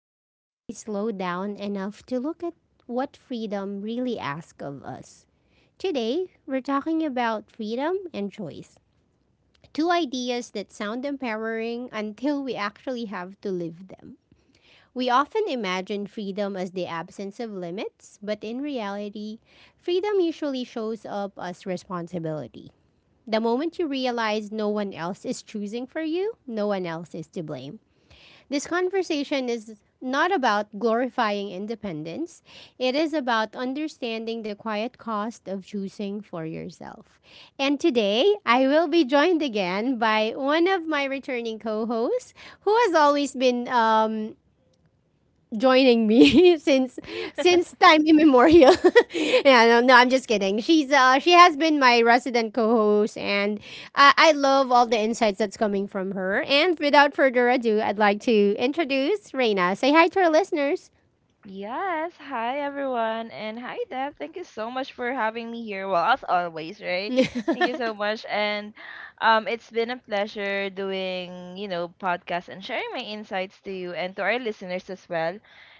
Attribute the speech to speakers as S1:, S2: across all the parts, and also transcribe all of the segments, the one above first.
S1: This is where we slow down enough to look at what freedom really asks of us. Today, we're talking about freedom and choice, two ideas that sound empowering until we actually have to live them. We often imagine freedom as the absence of limits, but in reality, freedom usually shows up as responsibility. The moment you realize no one else is choosing for you, no one else is to blame. This conversation is not about glorifying independence, it is about understanding the quiet cost of choosing for yourself. And today, I will be joined again by one of my returning co hosts who has always been joining me since time immemorial. Yeah, no, no, I'm just kidding. She's she has been my resident co-host, and I love all the insights that's coming from her. And without further ado, I'd like to introduce Reina. Say hi to our listeners.
S2: Yes, hi everyone, and hi Deb. Thank you so much for having me here. Well, as always, right? Thank you so much, and it's been a pleasure doing you know podcasts and sharing my insights to you and to our
S1: Mhm.
S2: listeners as well.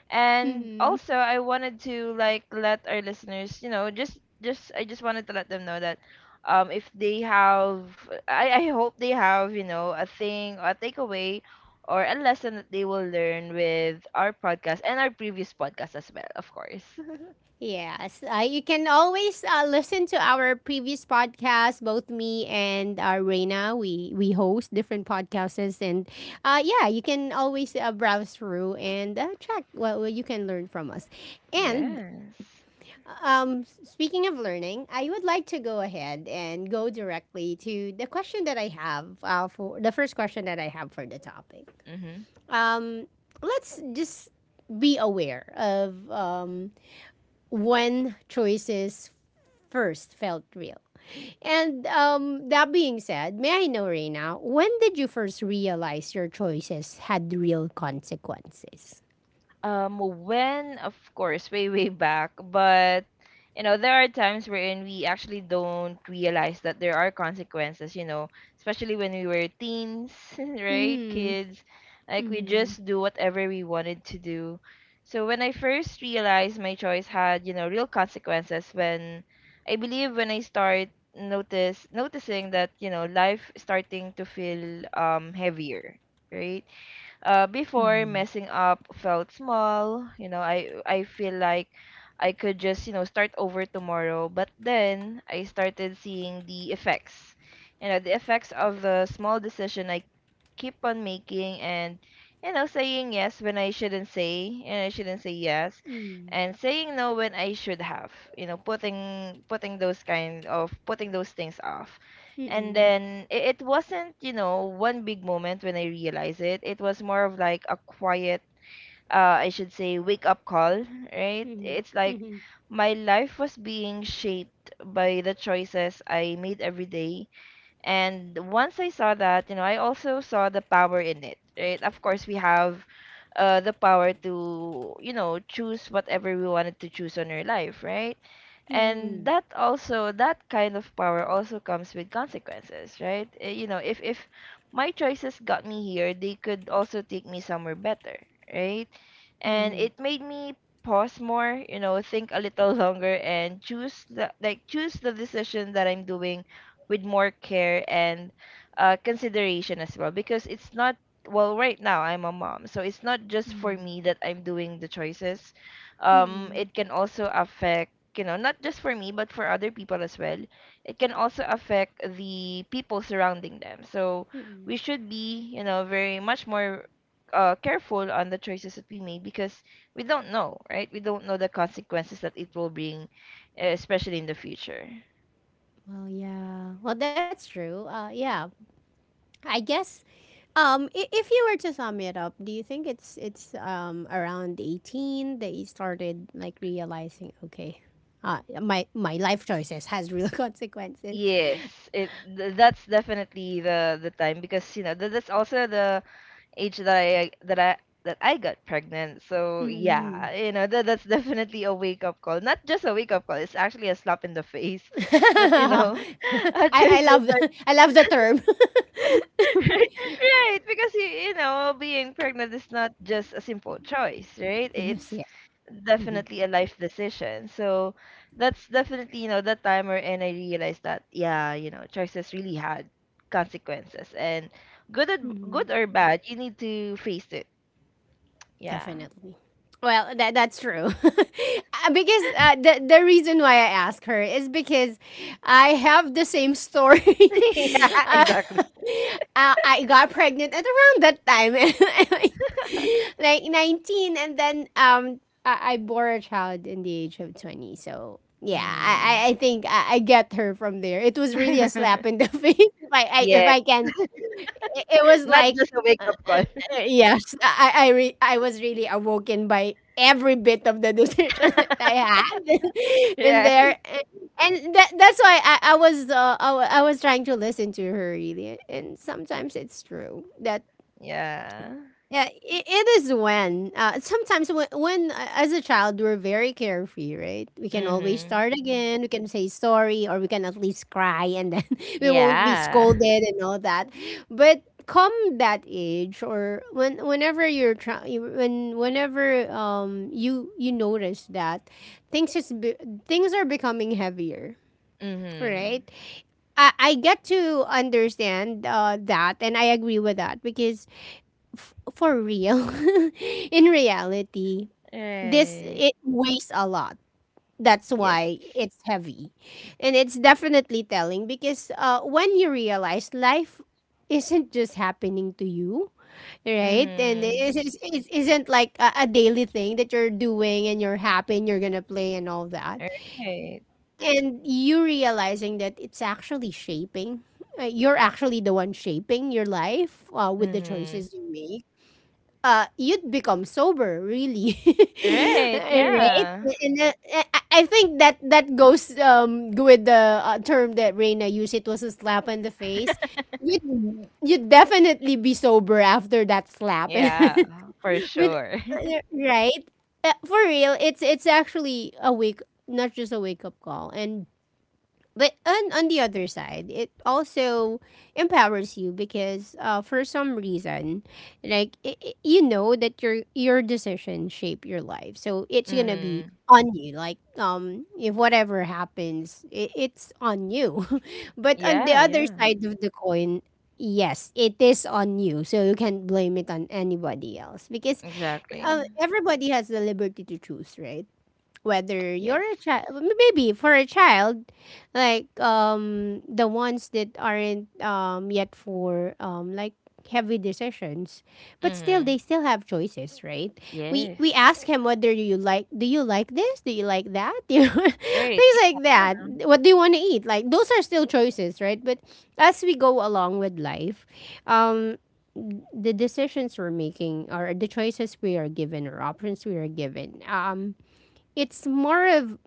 S2: And also, I wanted to like let our listeners, you know, just I just wanted to let them know that if they have, I hope they have you know a takeaway or a lesson that they will learn with our podcast and our previous podcast as well, of course.
S1: Yes, you can always listen to our previous podcast. Both me and Reina, we host different podcasts, and yeah, you can always browse through and check what you can learn from us. And
S2: Yes.
S1: speaking of learning, I would like to go ahead and go directly to the question that I have for the first question that I have for the topic.
S2: Mm-hmm.
S1: Um, let's just be aware of when choices first felt real? And that being said, may I know, Reina, when did you first realize your choices had real consequences?
S2: When of course way back, but you know there are times wherein we actually don't realize that there are consequences, you know, especially when we were teens, right?
S1: Mm-hmm.
S2: Kids, like we
S1: Mm-hmm.
S2: just do whatever we wanted to do. So when I first realized my choice had you know real consequences, when I believe when I start notice noticing that you know life starting to feel heavier, right? Uh, before
S1: Mm-hmm.
S2: messing up felt small, you know, I feel like I could just you know start over tomorrow, but then I started seeing the effects, you know, the effects of the small decision I keep on making, and you know saying yes when I shouldn't say, you know, I shouldn't say yes, and saying no when I should have, you know, putting those kind of putting those things off.
S1: Mm-hmm.
S2: And
S1: Mm-hmm.
S2: then it wasn't, you know, one big moment when I realized it. It was more of like a quiet, I should say, wake up call, right?
S1: Mm-hmm.
S2: It's
S1: Mm-hmm.
S2: like
S1: Mm-hmm.
S2: my life was being shaped by the choices I made every day, and once I saw that, you know, I also saw the power in it, right? Of course, we have the power to, you know, choose whatever we wanted to choose on our life, right? And
S1: Mm-hmm.
S2: that also, that kind of power also comes with consequences, right? You know, if my choices got me here, they could also take me somewhere better, right? And it made me pause more, you know, think a little longer and choose the like choose the decision that I'm doing with more care and consideration as well, because it's not, well, right now I'm a mom, so it's not just for
S1: Mm-hmm.
S2: me that I'm doing the choices.
S1: Mm-hmm.
S2: It can also affect, you know, not just for me but for other people as well. It can also affect the people surrounding them, so
S1: Mm-mm.
S2: we should be, you know, very much more careful on the choices that we make, because we don't know, right? We don't know the consequences that it will bring, especially in the future.
S1: Well, yeah. Well, that's true. Yeah. I guess if you were to sum it up, do you think it's around 18 that you started like realizing, okay, my my life choices has real consequences.
S2: Yes, that's definitely the time, because you know that's also the age that I that I got pregnant. So
S1: Mm-hmm.
S2: yeah, you know that that's definitely a wake up call. Not just a wake up call. It's actually a slap in the face that you know a
S1: I
S2: choice.
S1: love I love the term.
S2: Right, because you know, being pregnant is not just a simple choice, right?
S1: Yes.
S2: It's definitely a life decision. So that's definitely, you know, that time wherein I realized that yeah, you know, choices really had consequences, and good or, good or bad, you need to face it. Yeah.
S1: Definitely. Well, that that's true. Because the reason why I ask her is because I have the same story.
S2: Yeah,
S1: uh,
S2: exactly.
S1: uh, I got pregnant at around that time, like like 19, and then I bore a child in the age of 20. So yeah,
S2: Mm.
S1: I think I get her from there. It was really a slap in the face if I if
S2: Yeah.
S1: I can it was
S2: Not
S1: like
S2: just a wake
S1: uh,
S2: up
S1: uh,
S2: call,
S1: yes I was really awoken by every bit of the decision that I had in
S2: right?
S1: there and that, that's why I was I was trying to listen to her really, and sometimes it's true that
S2: Yeah.
S1: yeah, it is when sometimes when as a child we're very carefree, right? We can always
S2: Mhm.
S1: start again. We can say sorry, or we can at least cry, and then we won't be
S2: Yeah.
S1: scolded and all that. But come that age, or when whenever you're trying, when whenever you notice that things is be- things are becoming heavier, right?
S2: Mhm.
S1: I get to understand that, and I agree with that because for real, in reality, this
S2: Right.
S1: it weighs a lot. That's
S2: Yes.
S1: why it's heavy, and it's definitely telling because when you realize life isn't just happening to you, right? And
S2: Mm-hmm.
S1: it isn't like a daily thing that you're doing and you're happy and you're gonna play and all that.
S2: Right.
S1: And you realizing that it's actually shaping. You're actually the one shaping your life with the
S2: Mm-hmm.
S1: choices you make, you'd become sober, really,
S2: Right.
S1: right?
S2: Yeah.
S1: And I think that that goes with the term that Reina used. It was a slap in the face. You'd definitely be sober after that slap,
S2: Yeah, for
S1: but
S2: sure.
S1: right? For real, it's actually a wake, not just a wake up call, and but on the other side, it also empowers you because for some reason, like you know that your decision shape your life, so it's gonna be
S2: Mm-hmm.
S1: on you. Like if whatever happens, it's on you. But on the
S2: Yeah,
S1: other
S2: yeah.
S1: side of the coin, yes, it is on you, so you can't blame it on anybody else because
S2: Exactly.
S1: everybody has the liberty to choose, right? Whether
S2: Yes.
S1: you're a child, maybe for a child, like the ones that aren't yet for like heavy decisions, but still
S2: Mm-hmm.
S1: they still have choices, right? we
S2: Yes.
S1: we ask him, whether you like, do you like this, do you like that, you know,
S2: Right.
S1: things like that, what do you want to eat, like those are still choices, right? But as we go along with life, um the decisions we're making or the choices we are given or options we are given, it's more of,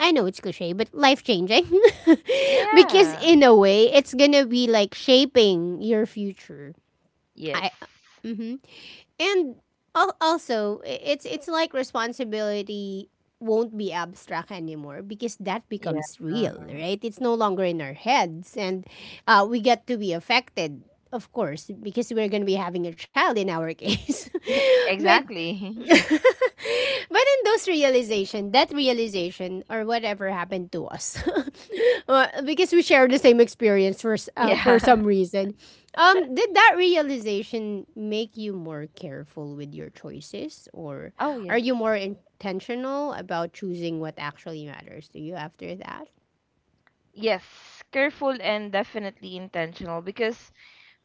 S1: I know it's cliche, but life changing. Because
S2: Yeah.
S1: in a way, it's gonna be like shaping your future.
S2: Yes.
S1: I mhm. And also it's like responsibility won't be abstract anymore because that
S2: Yeah.
S1: becomes real, right? It's no longer in our heads, and we get to be affected, of course, because we're gonna be having a child in our case. But
S2: Exactly.
S1: but in those realization, that realization or whatever happened to us, well, because we share the same experience for for
S2: Yeah.
S1: some reason, did that realization make you more careful with your choices, or
S2: Oh,
S1: are you
S2: yes.
S1: more intentional about choosing what actually matters to you after that?
S2: Yes. Careful and definitely intentional, because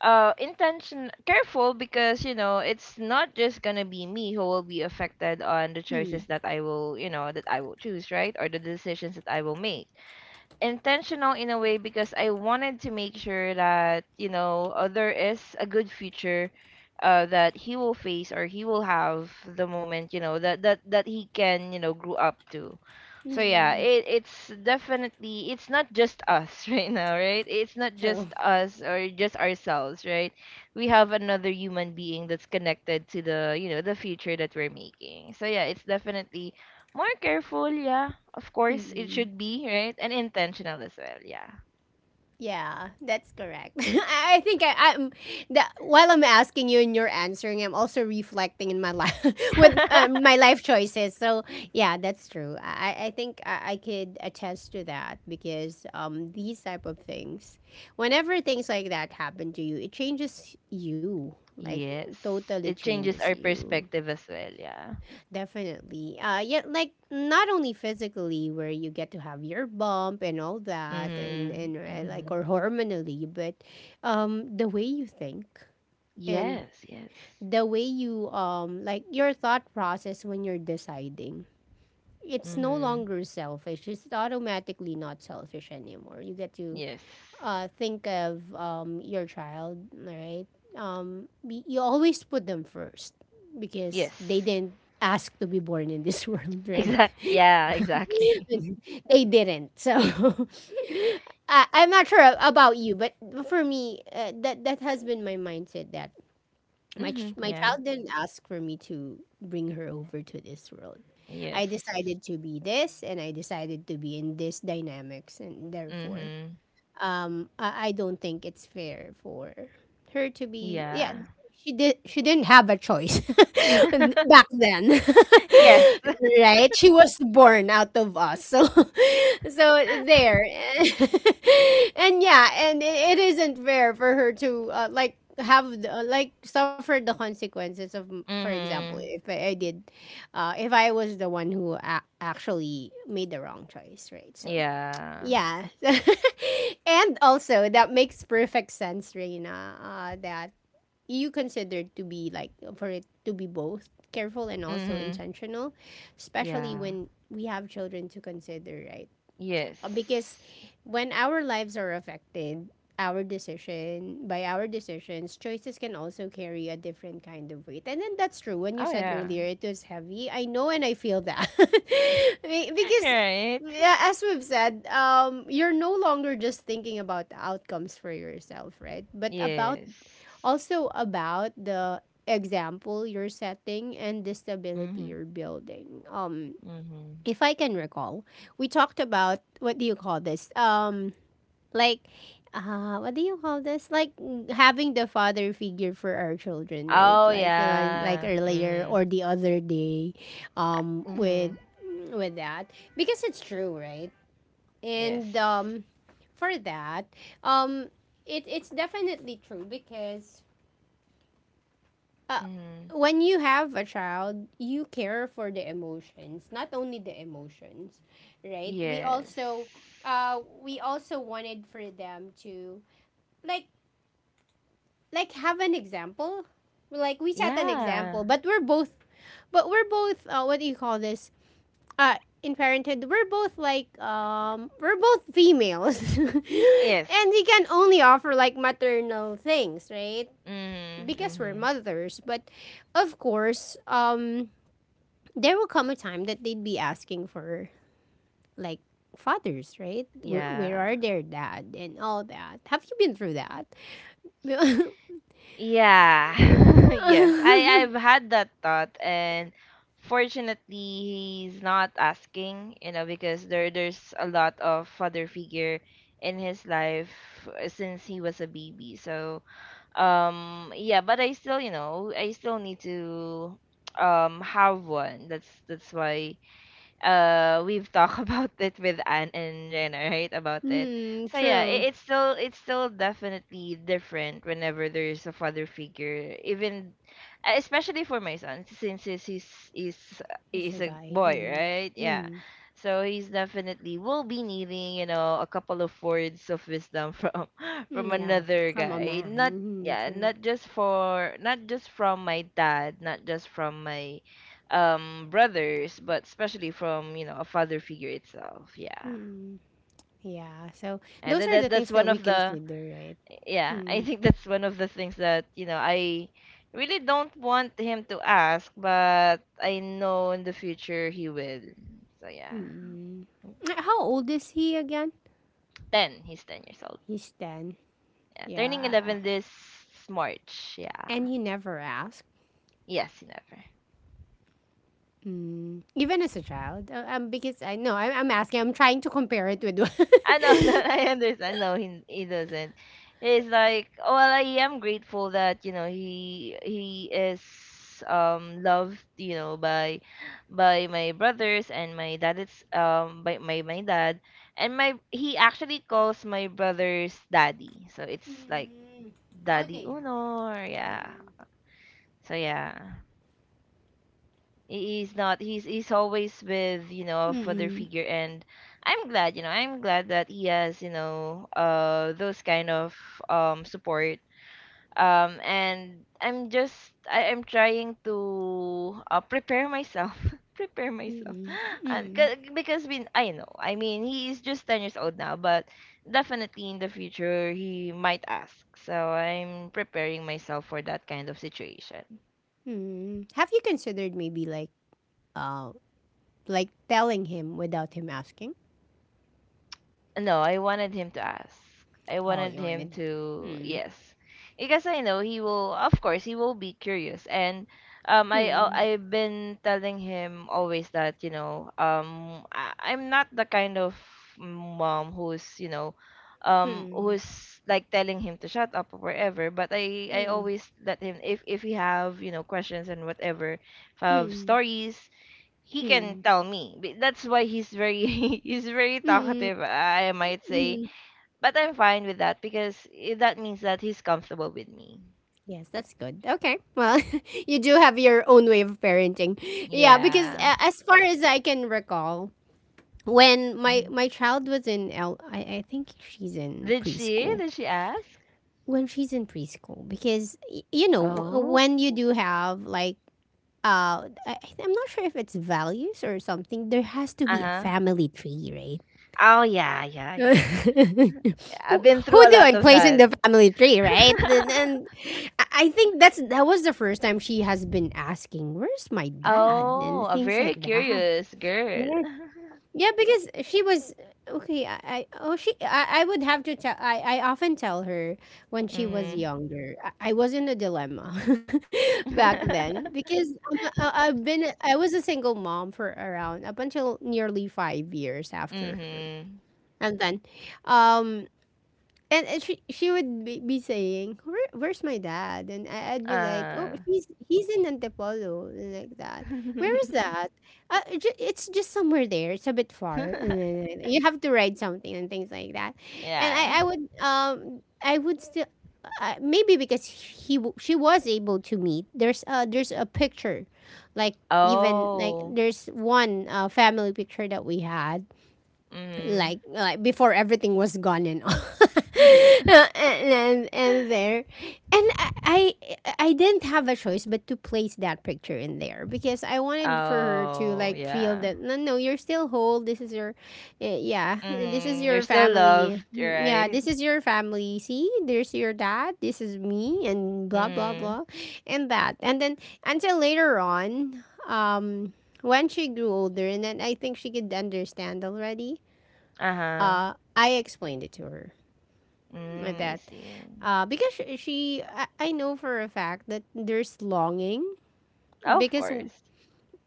S2: intention careful because you know it's not just gonna be me who will be affected on the
S1: Hmm.
S2: choices that I will, you know, that I will choose, right? Or the decisions that I will make. Intentional in a way because I wanted to make sure that you know there is a good future that he will face or he will have the moment, you know, that that he can you know grow up to. So yeah,
S1: Hmm.
S2: it it's definitely it's not just us right now, right? It's not just us or just ourselves, right? We have another human being that's connected to the you know the future that we're making. So yeah, it's definitely more careful, yeah. Of course, it
S1: True.
S2: should be, right? And intentional as well, yeah.
S1: Yeah, that's correct. I think I'm that while I'm asking you and you're answering, I'm also reflecting in my life with my life choices. So yeah, that's true. I think I could attest to that because these type of things, whenever things like that happen to you, it changes you. Like
S2: Yes.
S1: totally
S2: It changes
S1: changes
S2: our
S1: you.
S2: perspective as well, yeah.
S1: Definitely. Yeah, like not only physically where you get to have your bump and all that, and
S2: Mhm.
S1: like
S2: Mhm.
S1: or hormonally, but the way you think and
S2: Yes, yes.
S1: the way you like your thought process when you're deciding. It's no
S2: Mhm.
S1: longer selfish. It's automatically not selfish anymore. You get to
S2: Yes.
S1: think of your child, right? You always put them first because they
S2: Yes.
S1: didn't ask to be born in this world, right?
S2: Exact. Yeah, exactly.
S1: They didn't. So I'm not sure about you, but for me, that that has been my mindset, that
S2: Mhm.
S1: my
S2: Yeah.
S1: child didn't ask for me to bring her over to this world. I decided
S2: Yes.
S1: to be this, and I decided to be in this dynamics, and therefore,
S2: Mhm.
S1: I don't think it's fair for her to be, yeah,
S2: Yeah.
S1: she didn't have a choice, and back then,
S2: Yes.
S1: right, she was born out of us, so so there. And yeah, and it isn't fair for her to like have the, like suffer the consequences of for example,
S2: Mhm.
S1: if I did, if I was the one who actually made the wrong choice, right? So
S2: Yeah.
S1: yeah. And also, that makes perfect sense, Reina, that you consider to be like, for it to be both careful and also
S2: Mhm.
S1: intentional, especially
S2: Yeah.
S1: when we have children to consider, right?
S2: Yes.
S1: Because when our lives are affected, by our decisions, choices can also carry a different kind of weight. And then that's true. When you
S2: Oh
S1: said
S2: yeah.
S1: earlier it was heavy, I know and I feel that. Because
S2: Right.
S1: yeah, as we've said, you're no longer just thinking about the outcomes for yourself, right? But about
S2: Yes.
S1: also about the example you're setting and the stability
S2: Mhm,
S1: you're building.
S2: mhm.
S1: If I can recall, we talked about, what do you call this? Like, what do you call this? Like mm, having the father figure for our children, right?
S2: Oh,
S1: Like
S2: yeah.
S1: earlier
S2: Mhm,
S1: or the other day, um, with
S2: mhm.
S1: with that, because it's true, right? And
S2: Yes.
S1: for that, um, it's definitely true because uh,
S2: Mhm.
S1: when you have a child, you care for the emotions, not only the emotions, right?
S2: Yes.
S1: We also wanted for them to like like have an example. Like we set an example,
S2: Yeah.
S1: but we're both what do you call this? Uh in parenthood, we're both like we're both females.
S2: Yes.
S1: And we can only offer like maternal things, right?
S2: Mhm,
S1: Because we're
S2: mhm.
S1: mothers, but of course, there will come a time that they'd be asking for like fathers, right? Where
S2: Yeah.
S1: are their dad and all that? Have you been through that?
S2: Yeah. Yes. I've had that thought, and fortunately he's not asking, you know, because there there's a lot of father figure in his life since he was a baby. So, yeah, but I still, you know, I still need to have one. That's why we've talked about it with Anne and Jenna, right? About it.
S1: Hmm,
S2: So yeah,
S1: true.
S2: it, it's still definitely different whenever there's a father figure, even especially for my son, since he's
S1: It's a
S2: he's a
S1: guy.
S2: boy,
S1: Hmm.
S2: right? Yeah.
S1: Hmm.
S2: So he's definitely will be needing, you know, a couple of words of wisdom from from
S1: Hmm, yeah,
S2: another
S1: from a
S2: guy.
S1: man.
S2: Not
S1: Hmm,
S2: yeah,
S1: true.
S2: not just for not just from my dad, not just from my brothers, but especially from you know a father figure itself, yeah.
S1: Hmm. Yeah, so
S2: And
S1: those
S2: that,
S1: are the
S2: that
S1: things
S2: that's
S1: that
S2: one
S1: we
S2: of the
S1: consider, right?
S2: yeah, I
S1: Hmm.
S2: think that's one of the things that you know I really don't want him to ask, but I know in the future he will. So yeah,
S1: Hmm. How old is he again?
S2: 10, he's 10 years old,
S1: He's 10.
S2: yeah, turning
S1: Yeah.
S2: 11 this March,
S1: And
S2: yeah.
S1: he never asked.
S2: Yes, never.
S1: Mm, even as a child. Because I know I'm asking, I'm trying to compare it with.
S2: I know that I understand. No, he doesn't. It's like, well, I am grateful that you know he is loved, you know, by my brothers and my dad, it's by my my dad, and my he actually calls my brothers daddy, so it's like
S1: Mm. Oh,
S2: daddy
S1: they.
S2: uno, or yeah.
S1: Mm-mm.
S2: So yeah, he's not he's he's always with you know a father
S1: Mm-mm.
S2: figure, and I'm glad, you know, I'm glad that he has, you know, those kind of support, and I'm just I, I'm trying to prepare myself prepare myself
S1: Mm-mm.
S2: and
S1: Mm-mm.
S2: because we I know I mean he is just 10 years old now, but definitely in the future he might ask, so I'm preparing myself for that kind of situation.
S1: Mm-mm. Have you considered maybe like, uh, like telling him without him asking?
S2: No, I wanted him to ask. I
S1: Oh,
S2: wanted
S1: you
S2: him
S1: wanted.
S2: to
S1: Mm.
S2: yes, because I know he will. Of course, he will be curious, and I
S1: Mm.
S2: I've been telling him always that you know I, I'm not the kind of mom who's, you know,
S1: Mm.
S2: who's like telling him to shut up or whatever, but I
S1: Mm.
S2: always let him if we have you know questions and whatever, if I have
S1: Mm.
S2: stories, he can
S1: Mm.
S2: tell me. That's why he's very he's very
S1: Mm.
S2: talkative, I might say.
S1: Mm.
S2: But I'm fine with that because that means that he's comfortable with me.
S1: Yes, that's good. Okay. Well, you do have your own way of parenting. Yeah, because
S2: Yeah.
S1: as far as I can recall, when my
S2: Mhm.
S1: my child was in L, I think she's in
S2: Did she?
S1: preschool.
S2: Did she ask?
S1: When she's in preschool, because you know
S2: Oh.
S1: when you do have like I'm not sure if it's values or something. There has to be a
S2: Uh-huh.
S1: family tree, right?
S2: Oh yeah, yeah, yeah, yeah. I've
S1: who
S2: been through
S1: who
S2: a
S1: do
S2: lot
S1: I
S2: of
S1: place in
S2: that.
S1: the family tree? Right? And I think that was the first time she has been asking, "Where's my dad?"
S2: Oh,
S1: and
S2: a
S1: things
S2: very
S1: like that.
S2: curious girl.
S1: Yeah. Yeah, because she was okay. I oh she I would have to tell. I often tell her when she was
S2: Mhm.
S1: younger. I was in a dilemma back then because I, I've been I was a single mom for around up until nearly 5 years after her.
S2: Mhm.
S1: And then, um, and she would be saying, "Where's my dad?" And I'd be like, "Oh,
S2: Uh.
S1: he's in Antipolo," and like that. Where is that? It's just somewhere there. It's a bit far. And then you have to ride something and things like that. And
S2: Yeah.
S1: I would still. Maybe because she was able to meet. There's there's a picture, like, even like
S2: Oh.
S1: there's one family picture that we had
S2: Mhm.
S1: like before everything was gone and all. And there, and I didn't have a choice but to place that picture in there because I wanted for her to
S2: Oh,
S1: like feel
S2: yeah.
S1: that, no, no, you're still whole. This is your, yeah, this is
S2: Mhm. You're
S1: your
S2: still
S1: family.
S2: loved,
S1: Mm, yeah,
S2: right?
S1: this is your family, see, there's your dad, this is me, and blah, blah,
S2: Mhm.
S1: blah. And that, and then until later on, when she grew older and then I think she could understand already.
S2: Uh-huh.
S1: I explained it to her like
S2: Mm, I
S1: that,
S2: see.
S1: because I know for a fact that there's longing.
S2: Oh, of
S1: Because,
S2: course.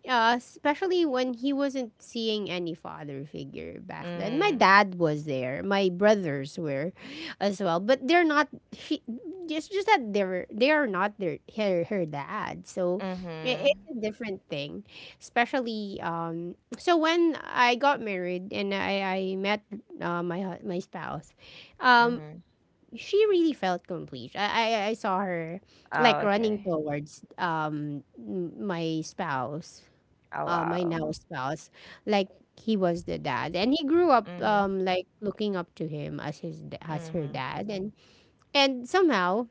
S1: yeah, especially when he wasn't seeing any father figure back then. My
S2: Mhm.
S1: dad was there. My brothers were as well, but they're not, she it's just that they are not their her dad. So
S2: Mhm.
S1: it's a different thing. Especially, so when I got married and I met my spouse. Um
S2: Mhm.
S1: she really felt complete. I saw her
S2: Oh,
S1: like running
S2: okay.
S1: towards my spouse,
S2: Oh,
S1: my now
S2: wow.
S1: spouse. Like, he was the dad, and he grew up,
S2: Mhm.
S1: like, looking up to him as as her
S2: Mhm.
S1: dad, and somehow.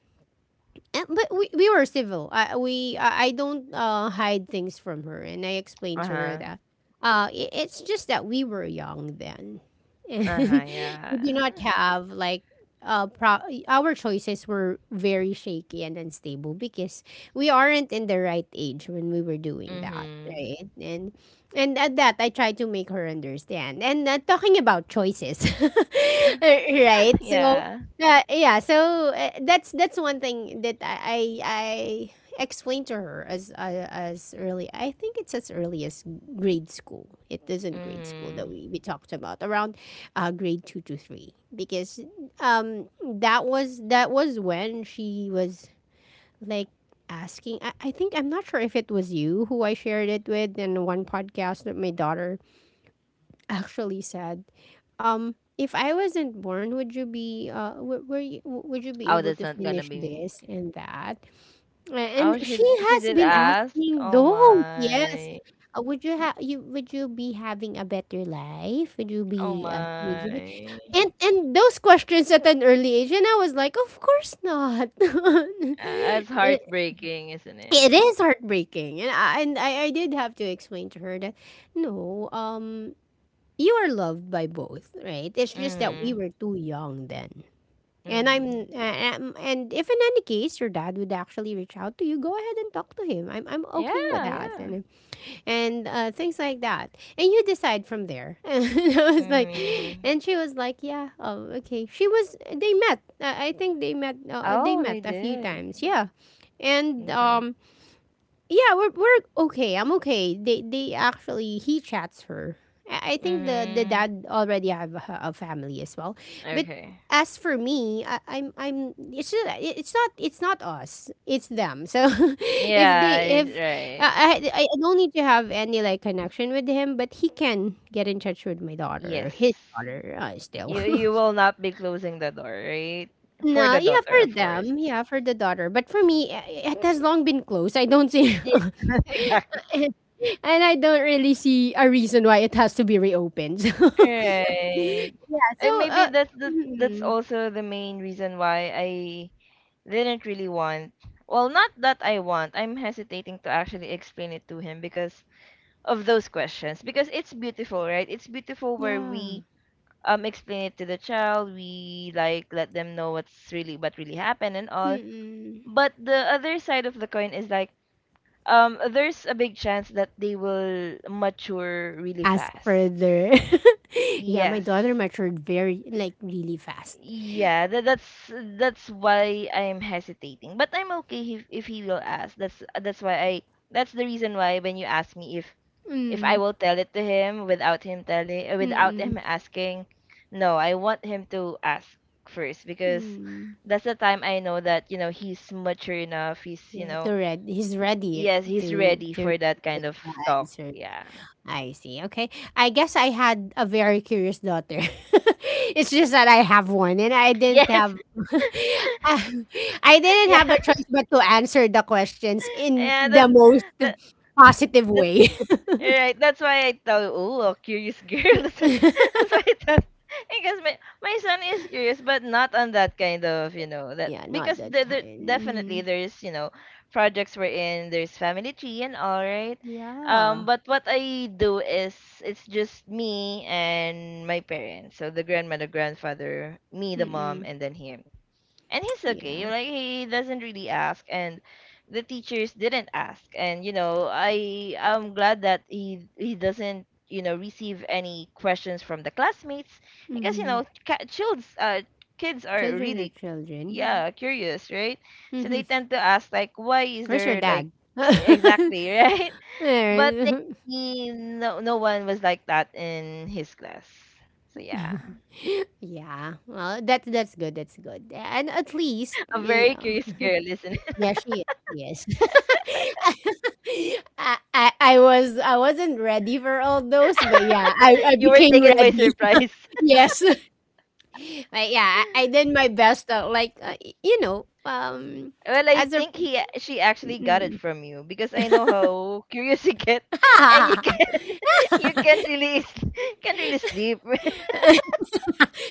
S1: But we were civil. I we I don't hide things from her, and I explained to her
S2: Uh-huh.
S1: that I it's just that we were young then, and
S2: Uh-huh,
S1: we do
S2: yeah.
S1: not have like our choices were very shaky and unstable because we aren't in the right age when we were doing that,
S2: Mhm.
S1: right? And at that, I tried to make her understand. And, talking about choices, right? So,
S2: Yeah.
S1: yeah, yeah. So, that's one thing that I explained to her as, as early. I think it's as early as grade school. It isn't grade school that
S2: Mhm.
S1: we talked about around, grade two to three because that was when she was like asking. I think I'm not sure if it was you who I shared it with in one podcast that my daughter actually said, if I wasn't born, would you be, were you, would you be
S2: Oh,
S1: able
S2: that's
S1: to
S2: not gonna
S1: finish
S2: be me.
S1: this and that?
S2: Oh,
S1: And she
S2: she
S1: has
S2: did
S1: been
S2: ask.
S1: asking
S2: Oh
S1: those. Yes,
S2: my.
S1: would you have, you, would you be having a better life? Would you
S2: Oh
S1: be, would you be?
S2: my.
S1: And those questions at an early age, and I was like, of course not.
S2: Uh, heartbreaking, isn't it?
S1: It is heartbreaking, and I did have to explain to her that, no, you are loved by both, right? It's just that we
S2: Mhm.
S1: were too young then. And I'm
S2: Mhm.
S1: and if in any case your dad would actually reach out to you, go ahead and talk to him. I'm
S2: Yeah,
S1: okay with that,
S2: yeah.
S1: and things like that. And you decide from there. And I was like,
S2: Mm.
S1: and she was like, yeah, oh, okay. She was they met. I think they met. They
S2: Oh, they
S1: met a few
S2: did.
S1: times. Yeah, and
S2: Okay.
S1: yeah, we're okay. I'm okay. They actually he chats her. I think the
S2: Mhm.
S1: dad already have a family as well. But
S2: Okay.
S1: as for me, I'm it's not, us. It's them. So if they
S2: Yeah, it's
S1: if
S2: right.
S1: I don't need to have any like connection with him, but he can get in touch with my daughter,
S2: Yes.
S1: his daughter, still.
S2: You you will not be closing the door, right? For
S1: No,
S2: the
S1: yeah,
S2: daughter,
S1: for
S2: of course.
S1: them, yeah, for the daughter. But for me, it has long been closed. I don't see.
S2: Yeah, exactly.
S1: And I don't really see a reason why it has to be reopened.
S2: Right.
S1: So, yeah,
S2: And maybe that's the that's
S1: mm,
S2: also the main reason why I didn't really want, well, not that I want, I'm hesitating to actually explain it to him because of those questions, because it's beautiful, right? It's beautiful where
S1: yeah.
S2: we explain it to the child, we like let them know what's really what really happened and all,
S1: Mm-mm.
S2: but the other side of the coin is like there's a big chance that they will mature really
S1: Ask
S2: fast.
S1: further. Yeah, my daughter
S2: Yes.
S1: matured very, like, really fast.
S2: Yeah, that, that's why I'm hesitating. But I'm okay if he will ask. That's why I that's the reason why when you ask me if I
S1: Mm,
S2: will tell it to him without him telling without
S1: mm-mm,
S2: him asking, no, I want him to ask first because
S1: mm.
S2: that's the time I know that, you know, he's mature enough. He's, you
S1: Yeah, to
S2: know,
S1: read. He's
S2: y-
S1: ready
S2: yes, he's ready
S1: to
S2: for that kind of talk.
S1: answer.
S2: Yeah.
S1: I see. Okay. I guess I had a very curious daughter. It's just that I have one and I
S2: Yes.
S1: didn't have I I
S2: Yeah.
S1: didn't have a choice but to answer the questions in
S2: Yeah, that's
S1: the most
S2: that,
S1: positive
S2: that's
S1: way.
S2: Alright, that's why I thought, oh, a curious girl. That's why I thought, because my son is curious, but not on that kind of, you know, that,
S1: Yeah, not
S2: because
S1: that kind.
S2: definitely
S1: Mm,
S2: there's, you know, projects we're in. There's family tree and all, right?
S1: yeah.
S2: But what I do is, it's just me and my parents. So the grandmother, grandfather, me, the mom,
S1: Mm-mm.
S2: and then him, and he's okay.
S1: Yeah.
S2: Like, he doesn't really ask, and the teachers didn't ask, and you know, I'm glad that he doesn't, you know, receive any questions from the classmates because, you
S1: Mm-hmm.
S2: know, child's kids are
S1: Children are
S2: really,
S1: children. Yeah.
S2: yeah, curious, right? So they
S1: Mm-hmm.
S2: tend to ask like, why is
S1: Where's your
S2: there, like,
S1: dad?
S2: exactly. Right, but
S1: There.
S2: he, no, no one was like that in his class. So yeah.
S1: Yeah. Well, that's good. That's good. And at least,
S2: A very
S1: yeah.
S2: curious girl, isn't it?
S1: Yeah, she is. Yes. I was I wasn't ready for all those, but yeah, I
S2: You were
S1: became
S2: taken by
S1: ready.
S2: surprise.
S1: Yes. But yeah, I did my best, like, you know,
S2: Well, I
S1: as a
S2: think she actually got it
S1: mm.
S2: from you, because I know how curious you get, and you can, you can't really s- can't really sleep.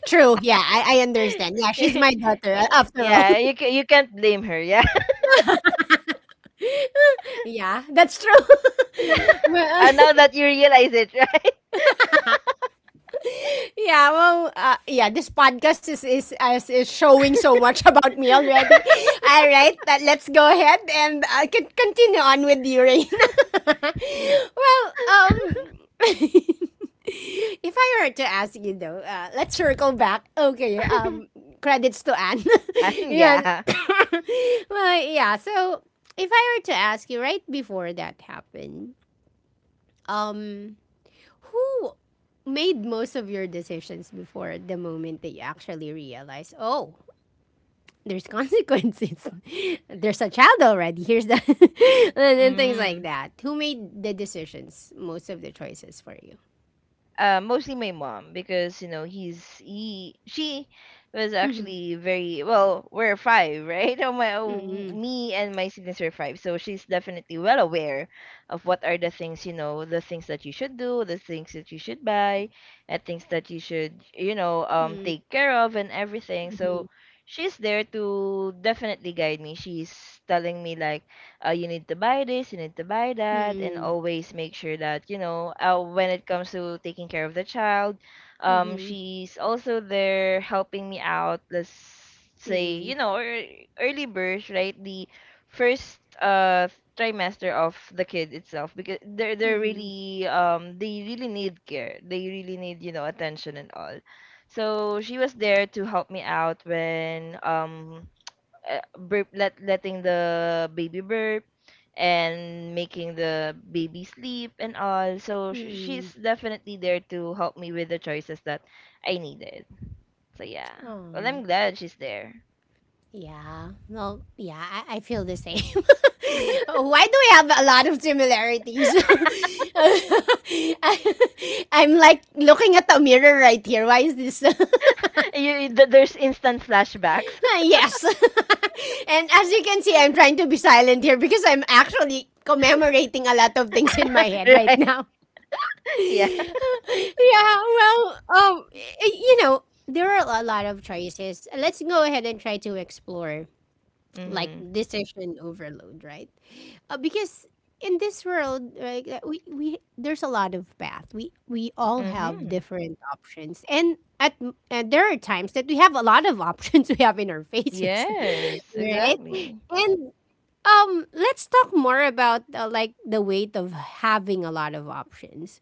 S1: True. Yeah, I understand. Yeah, she's my daughter,
S2: Eh,
S1: after all.
S2: yeah, you can you can't blame her. Yeah,
S1: Yeah, that's true. Well,
S2: now that you realize it, right?
S1: yeah, well, yeah, this podcast is showing so much about me already. All right, let's go ahead and, continue on with you, Reina. Well, if I were to ask you though, let's circle back. Okay, credits to Anne. Yeah,
S2: Yeah.
S1: well, yeah. So if I were to ask you right before that happened, um, who made most of your decisions before the moment that you actually realize, oh, there's consequences. There's a child already. Here's the and things like
S2: Mm.
S1: that. Who made the decisions, most of the choices for you?
S2: Mostly my mom because, you know, he's he she was
S1: Mhm.
S2: actually very well. We're five, right? Oh my, oh,
S1: Mm-mm.
S2: me and my siblings are five, so she's definitely well aware of what are the things, you know, the things that you should do, the things that you should buy, and things that you should, you know,
S1: Mm-mm.
S2: take care of and everything.
S1: Mm-mm.
S2: So she's there to definitely guide me. She's telling me like, you need to buy this, you need to buy that, and
S1: mm
S2: always make sure that, you know, when it comes to taking care of the child, she's also there helping me out. Let's say, you know, early birth, right? The first trimester of the kid itself, because they're really, they really need care, they really need, you know, attention and all. So she was there to help me out when, burp, letting the baby burp and making the baby sleep and all. So she's definitely there to help me with the choices that I needed. So yeah, well,
S1: Aw.
S2: I'm glad she's there.
S1: Yeah. Well, yeah, I feel the same. Why do we have a lot of similarities? I, am like looking at the mirror right here. Why is this?
S2: There's instant flashbacks.
S1: Yes. And as you can see, I'm trying to be silent here because I'm actually commemorating a lot of things in my head right
S2: Right.
S1: now.
S2: Yeah.
S1: Yeah, well, you know, there are a lot of choices. Let's go ahead and try to explore like
S2: Mm-hmm.
S1: decision overload, right? Because in this world, right, we there's a lot of path. We all have
S2: Mm-hmm.
S1: different options, and and there are times that we have a lot of options we have in our faces,
S2: Yes,
S1: right?
S2: exactly.
S1: And, let's talk more about, like, the weight of having a lot of options.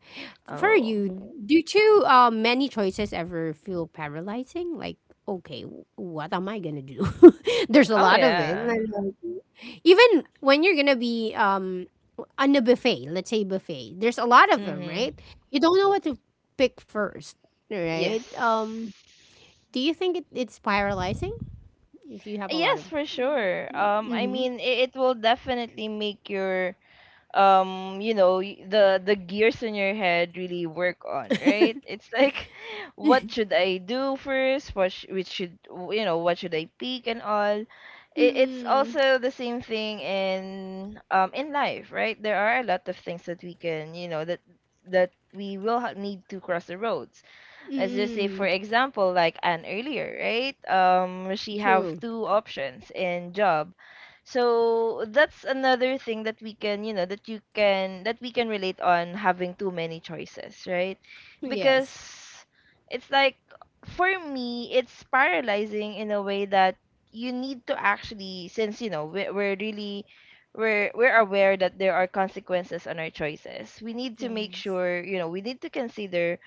S1: For
S2: Oh.
S1: you, do too, many choices ever feel paralyzing? Like, okay, what am I gonna do? There's a
S2: Oh
S1: lot of it.
S2: yeah.
S1: Like, even when you're gonna be on a buffet, let's say buffet, there's a lot of them, right?
S2: Mm-hmm.
S1: You don't know what to pick first, right?
S2: Yes.
S1: Do you think it's paralyzing if you have a lot of?
S2: Yes, for sure. I
S1: Mm-hmm.
S2: mean, it will definitely make your, you know, the gears in your head really work on, right? It's like, what should I do first? What sh which should w- You know, what should I pick and all? It, it's
S1: Mm-mm.
S2: also the same thing in life, right? There are a lot of things that we can, you know, that that we will ha need to cross the roads. Let's just say, for
S1: Mm-mm.
S2: example, like an earlier, right? She have
S1: True.
S2: two options in job. So that's another thing that we can, you know, that you can, that we can relate on, having too many choices, right?
S1: Yes.
S2: Because it's like, for me, it's paralyzing in a way that you need to actually, since, you know, we're really, we're aware that there are consequences on our choices. We need to make
S1: Yes.
S2: sure, you know, we need to consider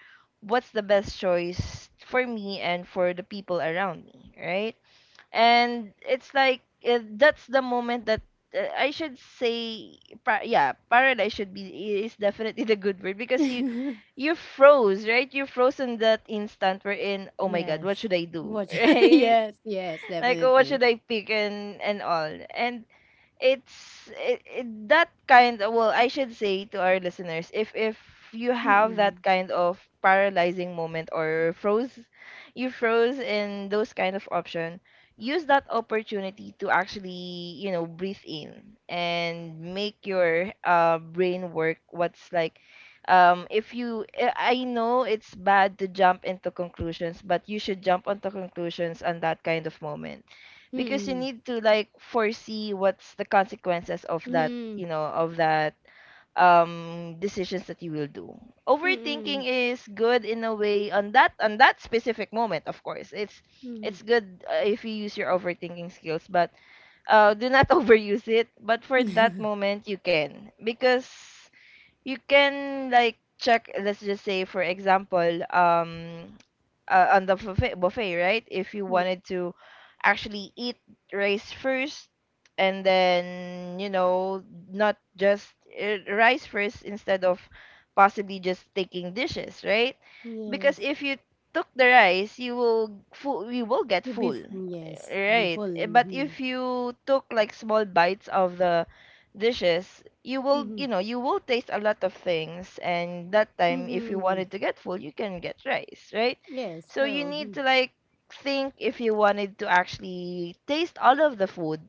S2: what's the best choice for me and for the people around me, right? And it's like, that's the moment that, I should say, yeah, paradise should be, is definitely the good word, because you you froze, right? You froze in that instant we're in. Oh my God, what
S1: Yes.
S2: should I do?
S1: Watch
S2: Right?
S1: yes, yes,
S2: Like, oh, what
S1: definitely.
S2: should I pick and all? And it's that kind of, well, I should say to our listeners, if you have
S1: Mm-mm.
S2: that kind of paralyzing moment or froze, you froze in those kind of option, use that opportunity to actually, you know, breathe in and make your brain work. What's like, if you I know it's bad to jump into conclusions, but you should jump onto conclusions on that kind of moment, because you
S1: Mm-mm.
S2: need to like foresee what's the consequences of that,
S1: Mm-mm.
S2: you know, of that decisions that you will do. Overthinking
S1: Mm-mm.
S2: is good in a way on that, on that specific moment. Of course, it's good, if you use your overthinking skills. But do not overuse it, but for that
S1: Mm-mm.
S2: moment you can, because you can like check. Let's just say, for example, on the buffet, right? If you
S1: Ye
S2: wanted to actually eat rice first, and then, you know, not just, rice first instead of possibly just taking dishes, right? Because
S1: yes.
S2: if you took the rice, you will get
S1: You be
S2: full,
S1: f yes, be
S2: right?
S1: full.
S2: Eh, but
S1: Mhm.
S2: if you took like small bites of the dishes, you will, you
S1: Mhm.
S2: know, you will taste a lot of things. And that time, if you
S1: Mhm.
S2: wanted to get full, you can get rice, right?
S1: Yes,
S2: So you
S1: true.
S2: need
S1: Mhm.
S2: to like think, if you wanted to actually taste all of the food,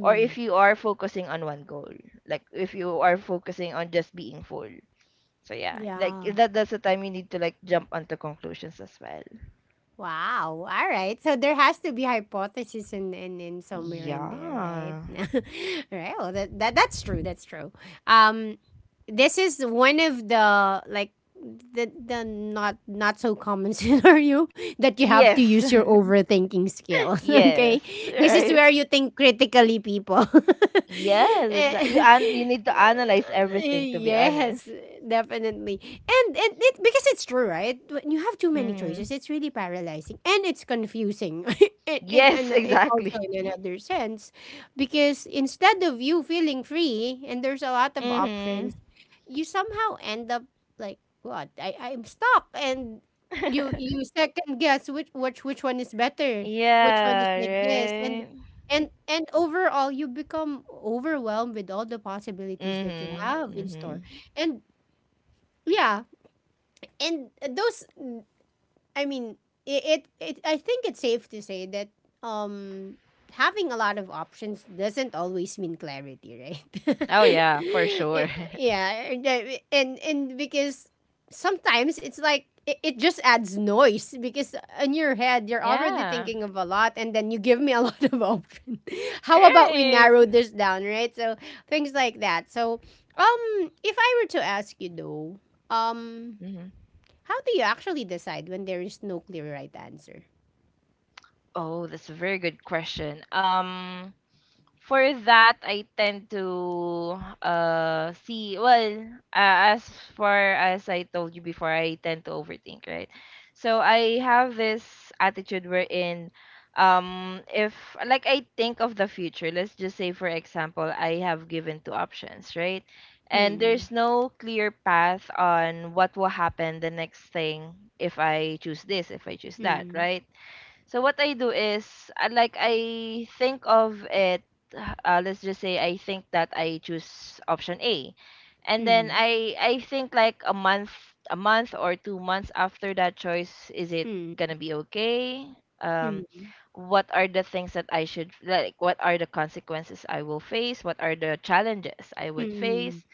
S2: or if you are focusing on one goal, like if you are focusing on just being full. So yeah, like
S1: Yeah.
S2: that, that's the time you need to like jump onto conclusions as well.
S1: Wow. All right. So there has to be hypothesis in somewhere in there, right?
S2: Yeah.
S1: All right. Well, that's true. That's true. Um, this is one of the like the not so common scenario that you have to
S2: Yes.
S1: use your overthinking skill.
S2: Yes.
S1: Okay, this is
S2: Right.
S1: where you think critically, people.
S2: Yes, exactly. You
S1: Eh,
S2: an you need to analyze everything, to be
S1: Yes,
S2: honest.
S1: definitely. And it because it's true, right? When you have too many
S2: Hmm.
S1: choices, it's really paralyzing and it's confusing
S2: Yes,
S1: in also
S2: exactly.
S1: in another sense. Because instead of you feeling free and there's a lot of
S2: Hmm.
S1: options, you somehow end up like, what? I'm stuck, and you second guess which one is better, which one is like this, and
S2: Yeah, right.
S1: overall, you become overwhelmed with all the possibilities that you
S2: Hmm.
S1: have in store.
S2: Hmm.
S1: And yeah, and those, I mean, it I think it's safe to say that um having a lot of options doesn't always mean clarity, right?
S2: Oh yeah, for sure.
S1: I- yeah, and because sometimes it's like it just adds noise, because in your head you're already
S2: Yeah.
S1: thinking of a lot and then you give me a lot of options. How about we
S2: Right.
S1: narrow this down, right? So things like that. So um if I were to ask you though, um
S2: Hmm.
S1: how do you actually decide when there is no clear right answer?
S2: Oh, that's a very good question. For that, I tend to see, well, as far as I told you before, I tend to overthink, right? So I have this attitude wherein, if like I think of the future. Let's just say, for example, I have given two options, right? And
S1: Hmm.
S2: there's no clear path on what will happen the next thing, if I choose this, if I choose that,
S1: Hmm.
S2: right? So what I do is I think of it. Let's just say I think that I choose option A. And then
S1: Hmm.
S2: I think like a month or 2 months after that choice, is it
S1: Hmm.
S2: going to be okay? Um
S1: Hmm.
S2: what are the things that I should, like, what are the consequences I will face? What are the challenges I would
S1: Hmm.
S2: face?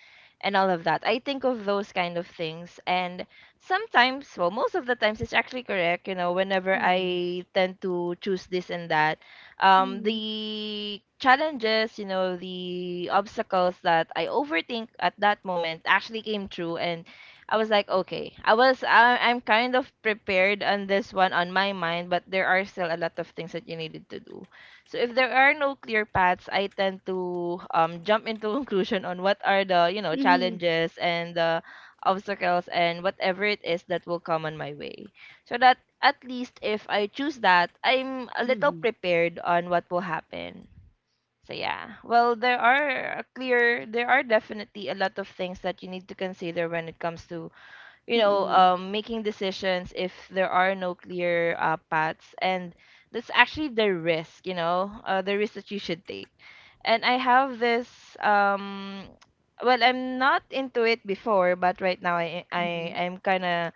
S2: And all of that. I think of those kind of things. And sometimes, well, most of the times, it's actually correct, you know, whenever
S1: Hmm.
S2: I tend to choose this and that,
S1: Hmm.
S2: the challenges, you know, the obstacles that I overthink at that moment actually came true. And I was like, okay, I'm kind of prepared on this one on my mind, but there are still a lot of things that you needed to do. So if there are no clear paths, I tend to jump into conclusion on what are the, you know,
S1: Hmm.
S2: challenges and the obstacles, and whatever it is that will come on my way. So that at least if I choose that, I'm a
S1: Hmm.
S2: little
S1: Hmm.
S2: prepared on what will happen. So yeah, well, there are definitely a lot of things that you need to consider when it comes to, you know,
S1: Hmm.
S2: making decisions if there are no clear paths. And that's actually the risk, you know, the risk that you should take. And I have this, um, well, I'm not into it before, but right now I, I,
S1: Hmm.
S2: I'm kind of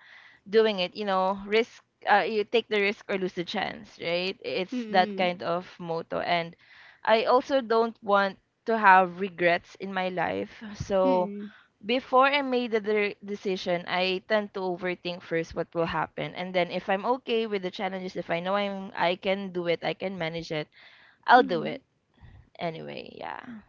S2: doing it, you know, risk. You take the risk or lose the chance, right? It's that
S1: Hmm.
S2: kind of motto. And I also don't want to have regrets in my life. So
S1: Hmm.
S2: before I made the decision, I tend to overthink first what will happen, and then if I'm okay with the challenges, if I know I can do it, I can manage it, I'll do
S1: Hmm.
S2: it anyway. Yeah.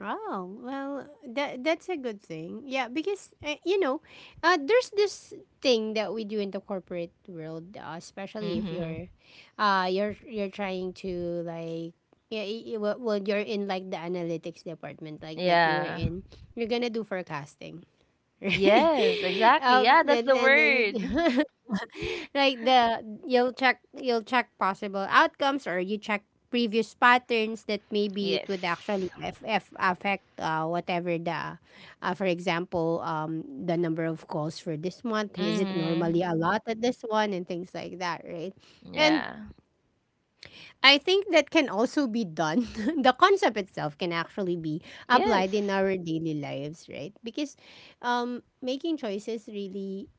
S1: Oh, well, that's a good thing. Yeah, because there's this thing that we do in the corporate world, especially if
S2: Mm-hmm.
S1: you're trying to like, yeah, well, you're in like the analytics department like that you were
S2: Yeah.
S1: in, you're gonna do forecasting, right?
S2: Yes. Exactly. Yeah. That's
S1: And,
S2: the
S1: and then you
S2: word.
S1: like the you'll check possible outcomes, or you check previous patterns that maybe it
S2: Yes.
S1: would actually f f affect, whatever the for example, the number of calls for this month. Is it normally
S2: Mm-hmm.
S1: a lot at this one? And things like that, right? And
S2: Yeah.
S1: I think that can also be done, the concept itself can actually be applied in
S2: Yes.
S1: our daily lives, right? Because making choices really,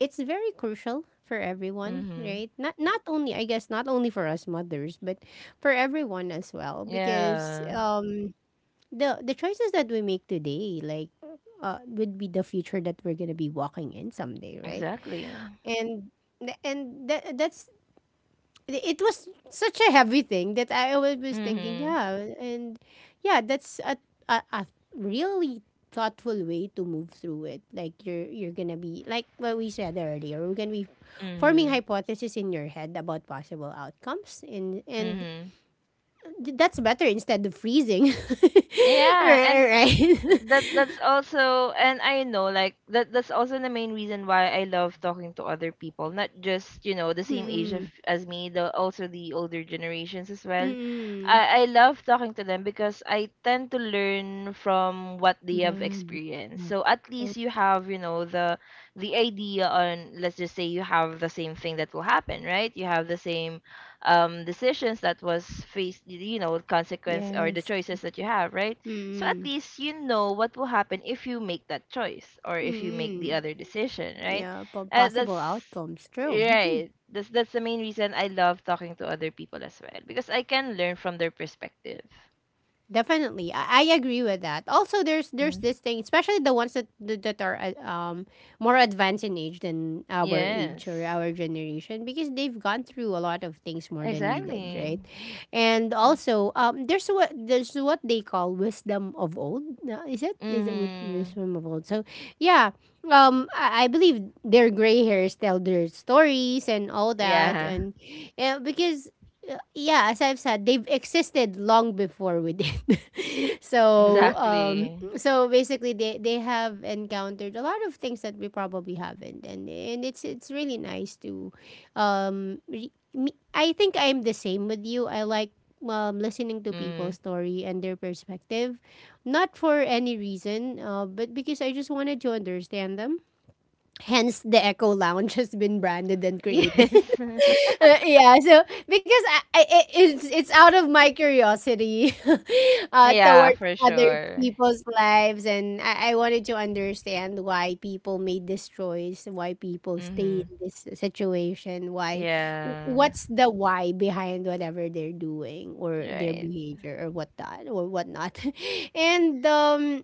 S1: it's very crucial for everyone,
S2: Mm-hmm.
S1: right? Not only, I guess, not only for us mothers, but for everyone as well, because
S2: Yeah.
S1: the choices that we make today, like would be the future that we're going to be walking in someday, right?
S2: Exactly.
S1: And th- and that that's it was such a heavy thing that I always was thinking,
S2: Mm-hmm.
S1: yeah, and yeah, that's a really thoughtful way to move through it. Like you're gonna be like what we said earlier, we're gonna be forming
S2: Mm-hmm.
S1: hypotheses in your head about possible outcomes, and
S2: Mm-hmm.
S1: that's better instead of freezing, right?
S2: Yeah. And that
S1: Right.
S2: that's also, and I know, like, that that's also the main reason why I love talking to other people, not just, you know, the same age of,
S1: Mm-mm.
S2: as me, the also the older generations as well. I love talking to them because I tend to learn from what they have
S1: Damn.
S2: experienced. So at least you have, you know, the idea on, let's just say you have the same thing that will happen, right? You have the same decisions that was faced, you know, consequence, or the
S1: Yes.
S2: choices that you have, right? So at
S1: Mm-mm.
S2: least you know what will happen if you make that choice, or if you make the
S1: Mm-mm.
S2: other decision, right?
S1: Yeah,
S2: That's
S1: possible outcomes. True. Mhm.
S2: right. That's the main reason I love talking to other people as well because I can learn from their perspective.
S1: Definitely. I agree with that. Also, there's
S2: Mm.
S1: this thing, especially the ones that that are more advanced in age than our age or
S2: Yes.
S1: our generation, because they've gone through a lot of things more than we did,
S2: Exactly.
S1: right? And also, there's what, there's what they call wisdom of old. Is it
S2: Mm-hmm.
S1: wisdom of old? So, yeah, I believe their gray hairs tell their stories and all that,
S2: Yeah,
S1: and yeah, because, yeah, as I've said, they've existed long before we did. So,
S2: exactly.
S1: so basically, they have encountered a lot of things that we probably haven't, and it's really nice to, me, I think I'm the same with you. I like, listening to people's
S2: Mm.
S1: story and their perspective, not for any reason, but because I just wanted to understand them. Hence, the Echo Lounge has been branded and created.
S2: Yes.
S1: Yeah, so because I it, it's out of my curiosity,
S2: Yeah,
S1: towards
S2: for
S1: other
S2: sure.
S1: people's lives, and I wanted to understand why people made this choice, why people stay
S2: Mm-hmm.
S1: in this situation, why
S2: Yeah.
S1: what's the why behind whatever they're doing or their
S2: Right.
S1: behavior or whatnot, and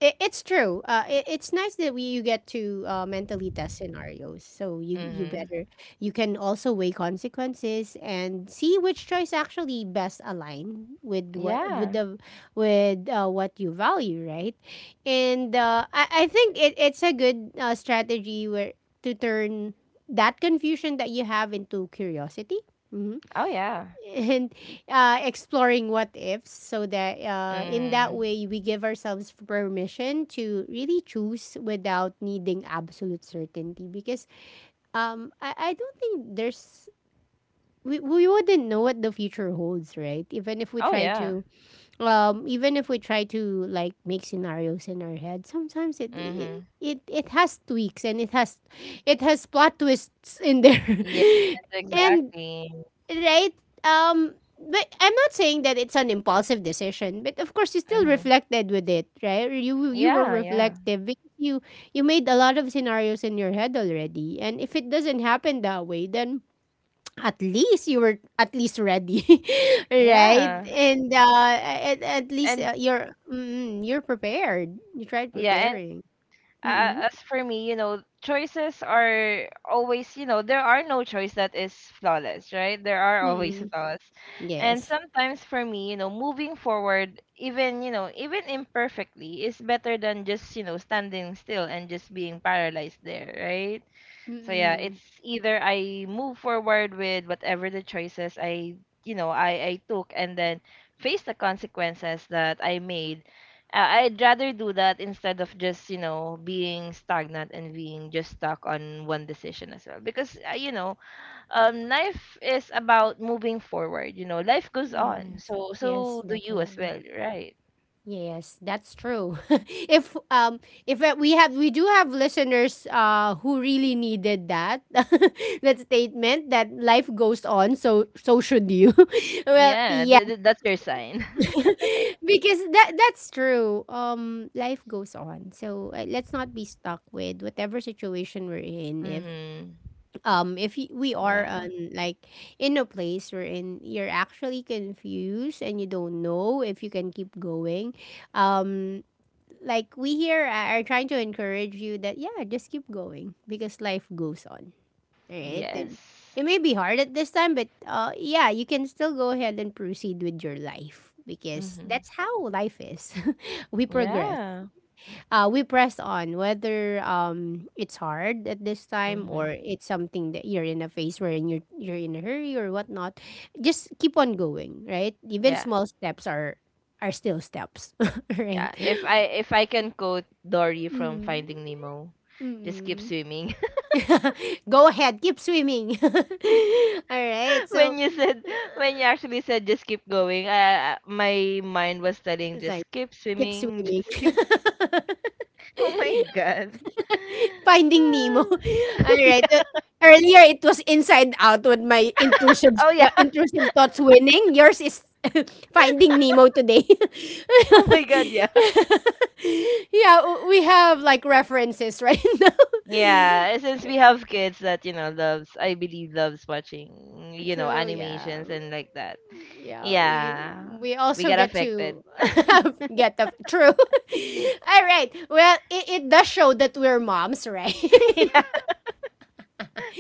S1: it's true. It's nice that we you get to, mentally test scenarios, so
S2: Mm-hmm.
S1: you can also weigh consequences and see which choice actually best align with what with
S2: Yeah.
S1: the with what you value, right? And I think it's a good strategy, where to turn that confusion that you have into curiosity. Mm-hmm.
S2: Oh, yeah.
S1: And exploring what ifs, so that in that
S2: Mhm.
S1: way we give ourselves permission to really choose without needing absolute certainty, because I don't think there's, we wouldn't know what the future holds, right? Even if we
S2: Oh,
S1: try
S2: yeah.
S1: to, even if we try to like make scenarios in our head, sometimes it it,
S2: Mhm.
S1: it, it has tweaks and it has plot twists in there,
S2: Yes,
S1: and
S2: exactly.
S1: right? But I'm not saying that it's an impulsive decision, but of course you still
S2: Mhm.
S1: reflected with it, right? You were
S2: Yeah, yeah.
S1: reflective because you made a lot of scenarios in your head already, and if it doesn't happen that way, then at least you were, at least ready, right?
S2: Yeah.
S1: And at least,
S2: And
S1: you're prepared. You tried
S2: yeah, and
S1: preparing. Mm-mm.
S2: as for me, you know, choices are always, there are no choice that is flawless, right? There are always
S1: Mm-mm.
S2: flaws. And
S1: Yes.
S2: sometimes for me, you know, moving forward, even, you know, even imperfectly is better than just, you know, standing still and just being paralyzed there, right? So yeah,
S1: Mm-mm.
S2: it's either I move forward with whatever the choices I, you know, I took and then face the consequences that I made. Uh, I'd rather do that instead of just, you know, being stagnant and being just stuck on one decision as well. Because you know, life is about moving forward, you know. Life goes on.
S1: Yes.
S2: So
S1: Yes,
S2: so do you as
S1: definitely.
S2: well, right?
S1: Yes, that's true. If we have, we do have listeners, who really needed that, that statement that life goes on, so should you. Well,
S2: Yeah,
S1: yeah.
S2: that's your sign.
S1: Because that's true. Life goes on. So, let's not be stuck with whatever situation we're in, if
S2: mhm.
S1: we are
S2: Yeah.
S1: on, like, in a place we're in, you're actually confused and you don't know if you can keep going. um like, we here are trying to encourage you that, yeah, just keep going, because life goes on. All right. And
S2: Yes.
S1: it may be hard at this time, but, yeah, you can still go ahead and proceed with your life, because
S2: Mhm.
S1: that's how life is. We progress.
S2: Yeah.
S1: We press on, whether it's hard at this time
S2: Mhm.
S1: or it's something that you're in a phase where you're in a hurry or whatnot. Just keep on going, right? Even
S2: Yeah.
S1: small steps are still steps,
S2: Yeah.
S1: right?
S2: If I can quote Dory from
S1: Mm.
S2: Finding Nemo, just keep
S1: Mm.
S2: swimming.
S1: Go ahead, keep swimming. All right. So
S2: when you said when you actually said just keep going, my mind was telling
S1: it's like,
S2: just keep
S1: keep
S2: swimming,
S1: swimming.
S2: just keep. Oh my god.
S1: Finding Nemo.
S2: Ah.
S1: All right.
S2: yeah.
S1: Earlier it was Inside Out, with my intrusive,
S2: Oh yeah.
S1: thoughts winning. Yours is Finding Nemo today.
S2: Oh my
S1: Yeah,
S2: god. Yeah.
S1: we have like references right now.
S2: Yeah, since we have kids that, you know, loves, I believe loves watching, you know,
S1: True, yeah.
S2: animations and like that.
S1: Yeah, we
S2: Yeah,
S1: we
S2: we
S1: also
S2: got
S1: get
S2: affected.
S1: to get the true. All right, well, it does show that we're moms, right?
S2: yeah.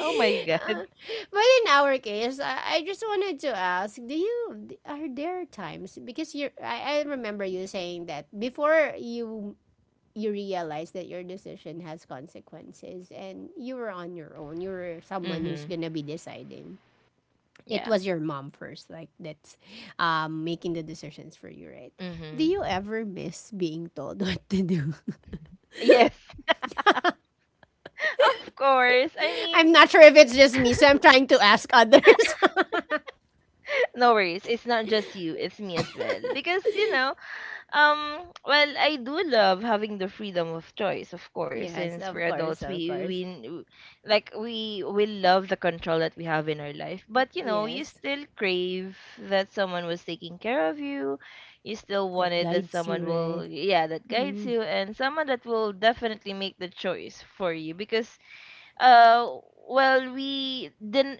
S2: Oh my god.
S1: but in our case, I just wanted to ask, do are there times, because I remember you saying that before you realized that your decision has consequences and you were on your own, you were someone who's
S2: Mhm.
S1: gonna be deciding. It
S2: Yeah.
S1: was your mom first, like, that's, making the decisions for you, right? Do
S2: Mhm.
S1: you ever miss being told what to do?
S2: Yes. Of course. I mean,
S1: I'm not sure if it's just me, so I'm trying to ask others.
S2: no worries. It's not just you, it's me as well. Because, you know, well, I do love having the freedom of choice, of course,
S1: Yes,
S2: since
S1: of
S2: we're
S1: course,
S2: adults,
S1: of course.
S2: like we love the control that we have in our life. But, you know, you
S1: Yes,
S2: still crave that someone was taking care of you. You still
S1: that
S2: wanted that
S1: guides you,
S2: someone
S1: right?
S2: will yeah, that guides
S1: Mm,
S2: you and someone that will definitely make the choice for you because uh well we didn't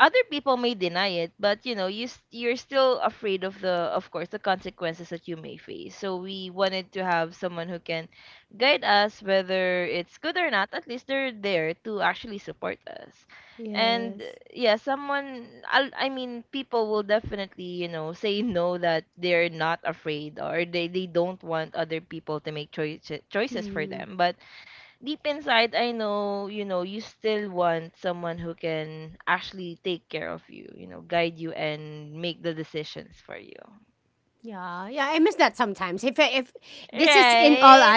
S2: other people may deny it but you know you're still afraid of the of course the consequences that you may face, so we wanted to have someone who can guide us whether it's good or not, at least they're there to actually support us. And
S1: yes.
S2: yeah, someone I mean people will definitely, you know, say no that they're not afraid or they don't want other people to make choices for
S1: Mm.
S2: them, but deep inside I know, you still want someone who can actually take care of you, you know, guide you and make the decisions for you.
S1: Yeah, yeah, I miss that sometimes. If this is in all,
S2: Right?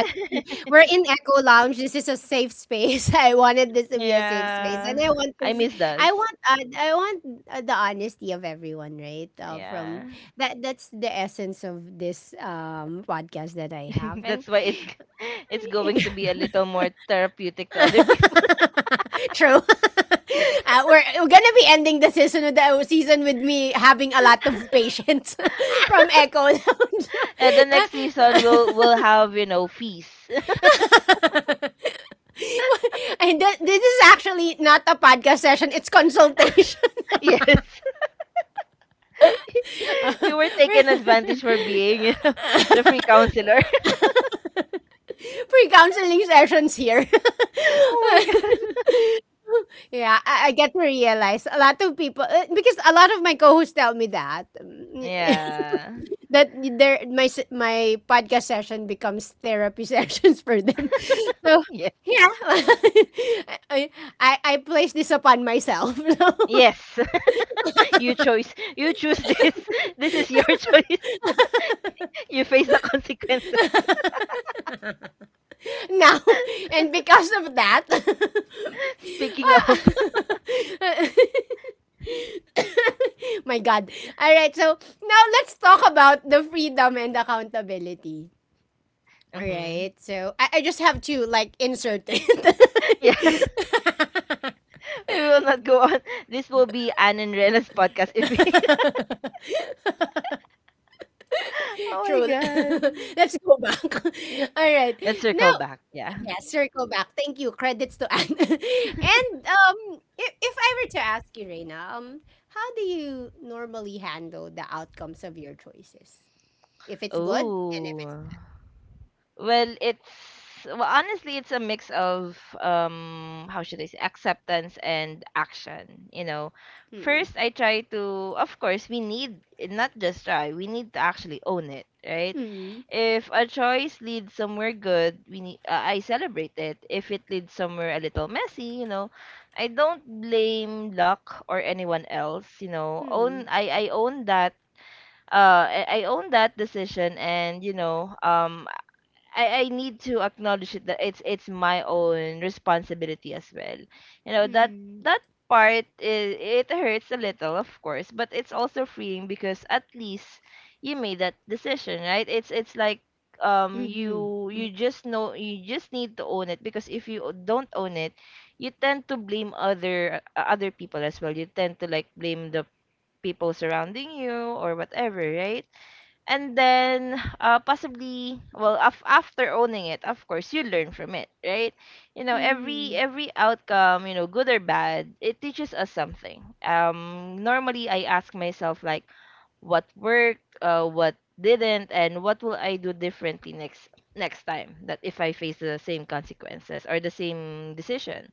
S1: we're in Echo Lounge. This is a safe space. I wanted this to be a safe space, and
S2: yeah.
S1: I want
S2: I
S1: things.
S2: miss those.
S1: I want, the honesty of everyone, right? From
S2: Yeah.
S1: that. That's the essence of this podcast that I have, and
S2: That's why it's going to be a little more therapeutic to other people.
S1: true. We're gonna be ending the season, with me having a lot of patience from Echo Lounge.
S2: And the next season we'll have, you know, fees.
S1: And this is actually not a podcast session, it's consultation.
S2: yes. You were taken advantage for being, you know, the free counselor.
S1: Free counseling sessions here.
S2: oh my god.
S1: Yeah, I get to realize a lot of people, because a lot of my co-hosts tell me that
S2: Yeah.
S1: that my my podcast session becomes therapy sessions for them. So
S2: Yes.
S1: yeah, I, I place this upon myself. So,
S2: Yes. You choice. You choose this. This is your choice. You face the consequences.
S1: now, and because of that,
S2: Speaking of.
S1: ah, my God. All right, so now let's talk about the freedom and accountability. All
S2: hmm
S1: right, so I just have to like insert it.
S2: Yeah. We will not go on. This will be Anne and Rena's podcast if we. Oh my
S1: True.
S2: god.
S1: Let's go back. All right.
S2: Let's circle
S1: Now,
S2: back. Yeah.
S1: yeah, circle back. Thank you. Credits to Anne. And if I were to ask you, Reina, how do you normally handle the outcomes of your choices? If it's good and if it's,
S2: Oh. Well, honestly, it's a mix of how should I say, acceptance and action. You know,
S1: mm,
S2: first I try to, of course, we need not just try, we need to actually own it, right?
S1: mm,
S2: If a choice leads somewhere good, I celebrate it. If it leads somewhere a little messy, you know, I don't blame luck or anyone else. You know,
S1: mm,
S2: own I own that I own that decision. And you know I need to acknowledge it that it's my own responsibility as well. You know that
S1: mm,
S2: that part is it hurts a little, of course, but it's also freeing because at least you made that decision, right? It's like
S1: mm,
S2: you you just know you just need to own it, because if you don't own it, you tend to blame other people as well. You tend to like blame the people surrounding you or whatever, right? And then possibly well after owning it, of course you learn from it, right? You
S1: mm,
S2: know
S1: mm,
S2: every outcome, you know, good or bad, it teaches us something. Normally I ask myself like what worked, what didn't, and what will I do differently next next time, that if I face the same consequences or the same decision.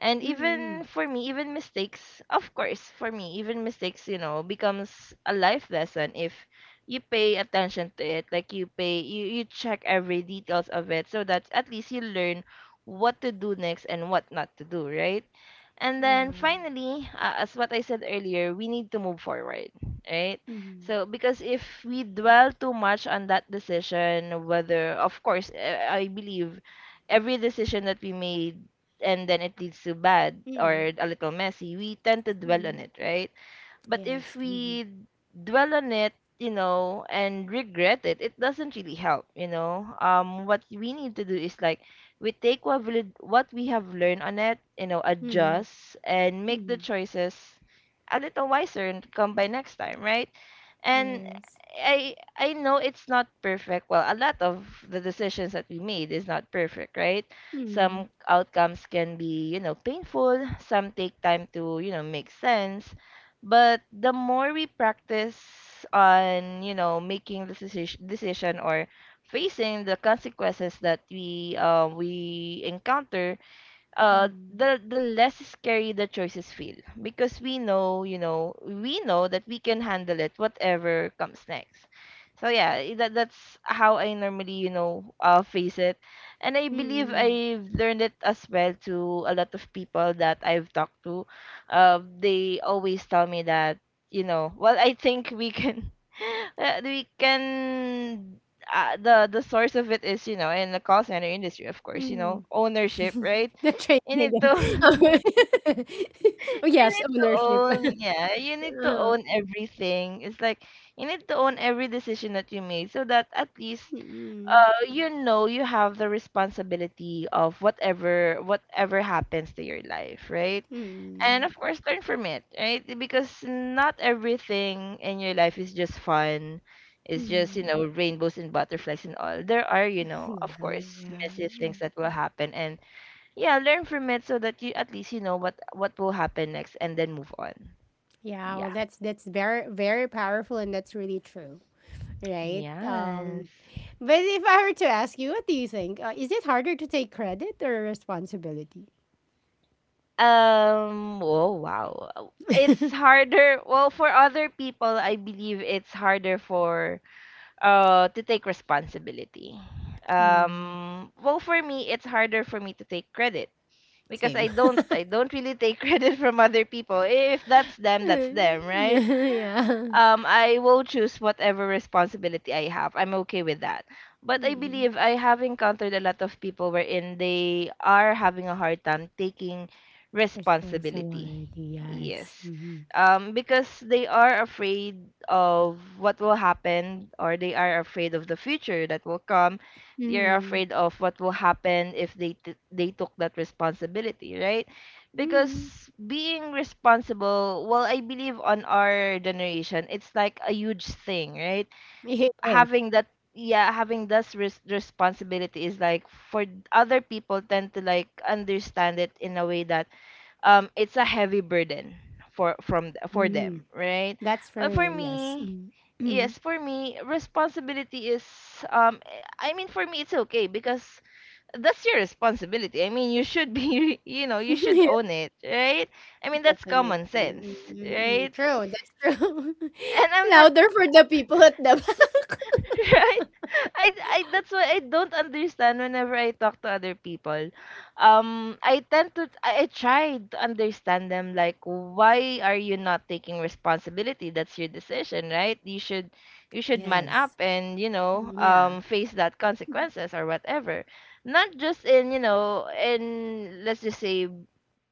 S2: And
S1: mm,
S2: even for me, even mistakes, of course for me, even mistakes, you know, becomes a life lesson if you pay attention to it, like you pay you you check every details of it so that at least you learn what to do next and what not to do, right? And
S1: yeah,
S2: then finally, as what I said earlier, we need to move forward, right?
S1: mm,
S2: So because if we dwell too much on that decision, whether of course I believe every decision that we made and then it leads to bad
S1: mm,
S2: or a little messy, we tend to dwell on it, right? But if
S1: yes, mm,
S2: we dwell on it, you know, and regret it, it doesn't really help, you know. What we need to do is like we take what we have learned on it, you know, adjust and make the
S1: mm,
S2: choices a little wiser and come by next time, right? And
S1: yes.
S2: I know it's not perfect. Well, a lot of the decisions that we made is not perfect, right?
S1: Mm,
S2: Some outcomes can be, you know, painful. Some take time to, you know, make sense, but the more we practice on, you know, making this decision or facing the consequences that we encounter,
S1: mm,
S2: the less scary the choices feel, because we know, you know, we know that we can handle it whatever comes next. So yeah, that that's how I normally, you know, face it. And I believe
S1: mm,
S2: I've learned it as well to a lot of people that I've talked to. They always tell me that, you know, well I think we can we can the source of it is, you know, in the call center industry, of course, you know,
S1: mm.
S2: ownership, right?
S1: The training
S2: You need
S1: again.
S2: to
S1: oh oh,
S2: you
S1: yes,
S2: need to
S1: ownership.
S2: own yeah, you need to
S1: uh,
S2: own everything. It's like you need to own every decision that you made so that at least
S1: mm,
S2: you know you have the responsibility of whatever whatever happens to your life, right? And
S1: mm,
S2: of course learn from it, right? Because not everything in your life is just fun. It's just, you
S1: mm.
S2: know, rainbows and butterflies and all. There are, you know, of
S1: Yeah,
S2: course,
S1: yeah,
S2: messy things
S1: Mm.
S2: that will happen. And yeah, learn from it so that you at least you know what will happen next, and then move on.
S1: Yeah. Well,
S2: Yeah.
S1: that's very powerful, and that's really true, right?
S2: Yes.
S1: But if I were to ask you, what do you think? Is it harder to take credit or responsibility?
S2: Oh wow. It's harder. Well, for other people, I believe it's harder for to take responsibility.
S1: Mm,
S2: Well, for me, it's harder for me to take credit, because
S1: same.
S2: I don't really take credit from other people. If that's them, that's them, right?
S1: Yeah.
S2: I will choose whatever responsibility I have. I'm okay with that. But I
S1: Mm.
S2: believe I have encountered a lot of people wherein they are having a hard time taking responsibility.
S1: Responsibility, yes.
S2: Yes.
S1: Mm-hmm.
S2: Because they are afraid of what will happen, or they are afraid of the future that will come. They are
S1: Mm-hmm.
S2: afraid of what will happen if they they took that responsibility, right? Because
S1: Mm-hmm.
S2: being responsible, well I believe on our generation it's like a huge thing, right?
S1: It is.
S2: Having that yeah, having this responsibility is like for other people, tend to like understand it in a way that it's a heavy burden for for
S1: Mm-hmm.
S2: them, right?
S1: That's for
S2: But for
S1: real, yes.
S2: me,
S1: Mm-hmm.
S2: yes, for me responsibility is um I mean for me it's okay because that's your responsibility. I mean, you should be, you know, you should own it, right? I mean, that's
S1: Definitely.
S2: common sense,
S1: Mm-hmm.
S2: right?
S1: True, that's true.
S2: And I'm not,
S1: Louder for the people at the back.
S2: right? I that's why I don't understand whenever I talk to other people. I tend to I try to understand them like why are you not taking responsibility? That's your decision, right? You should man up,
S1: Yes.
S2: and you know
S1: Mm, yeah.
S2: face that consequences or whatever, not just in you know in let's just say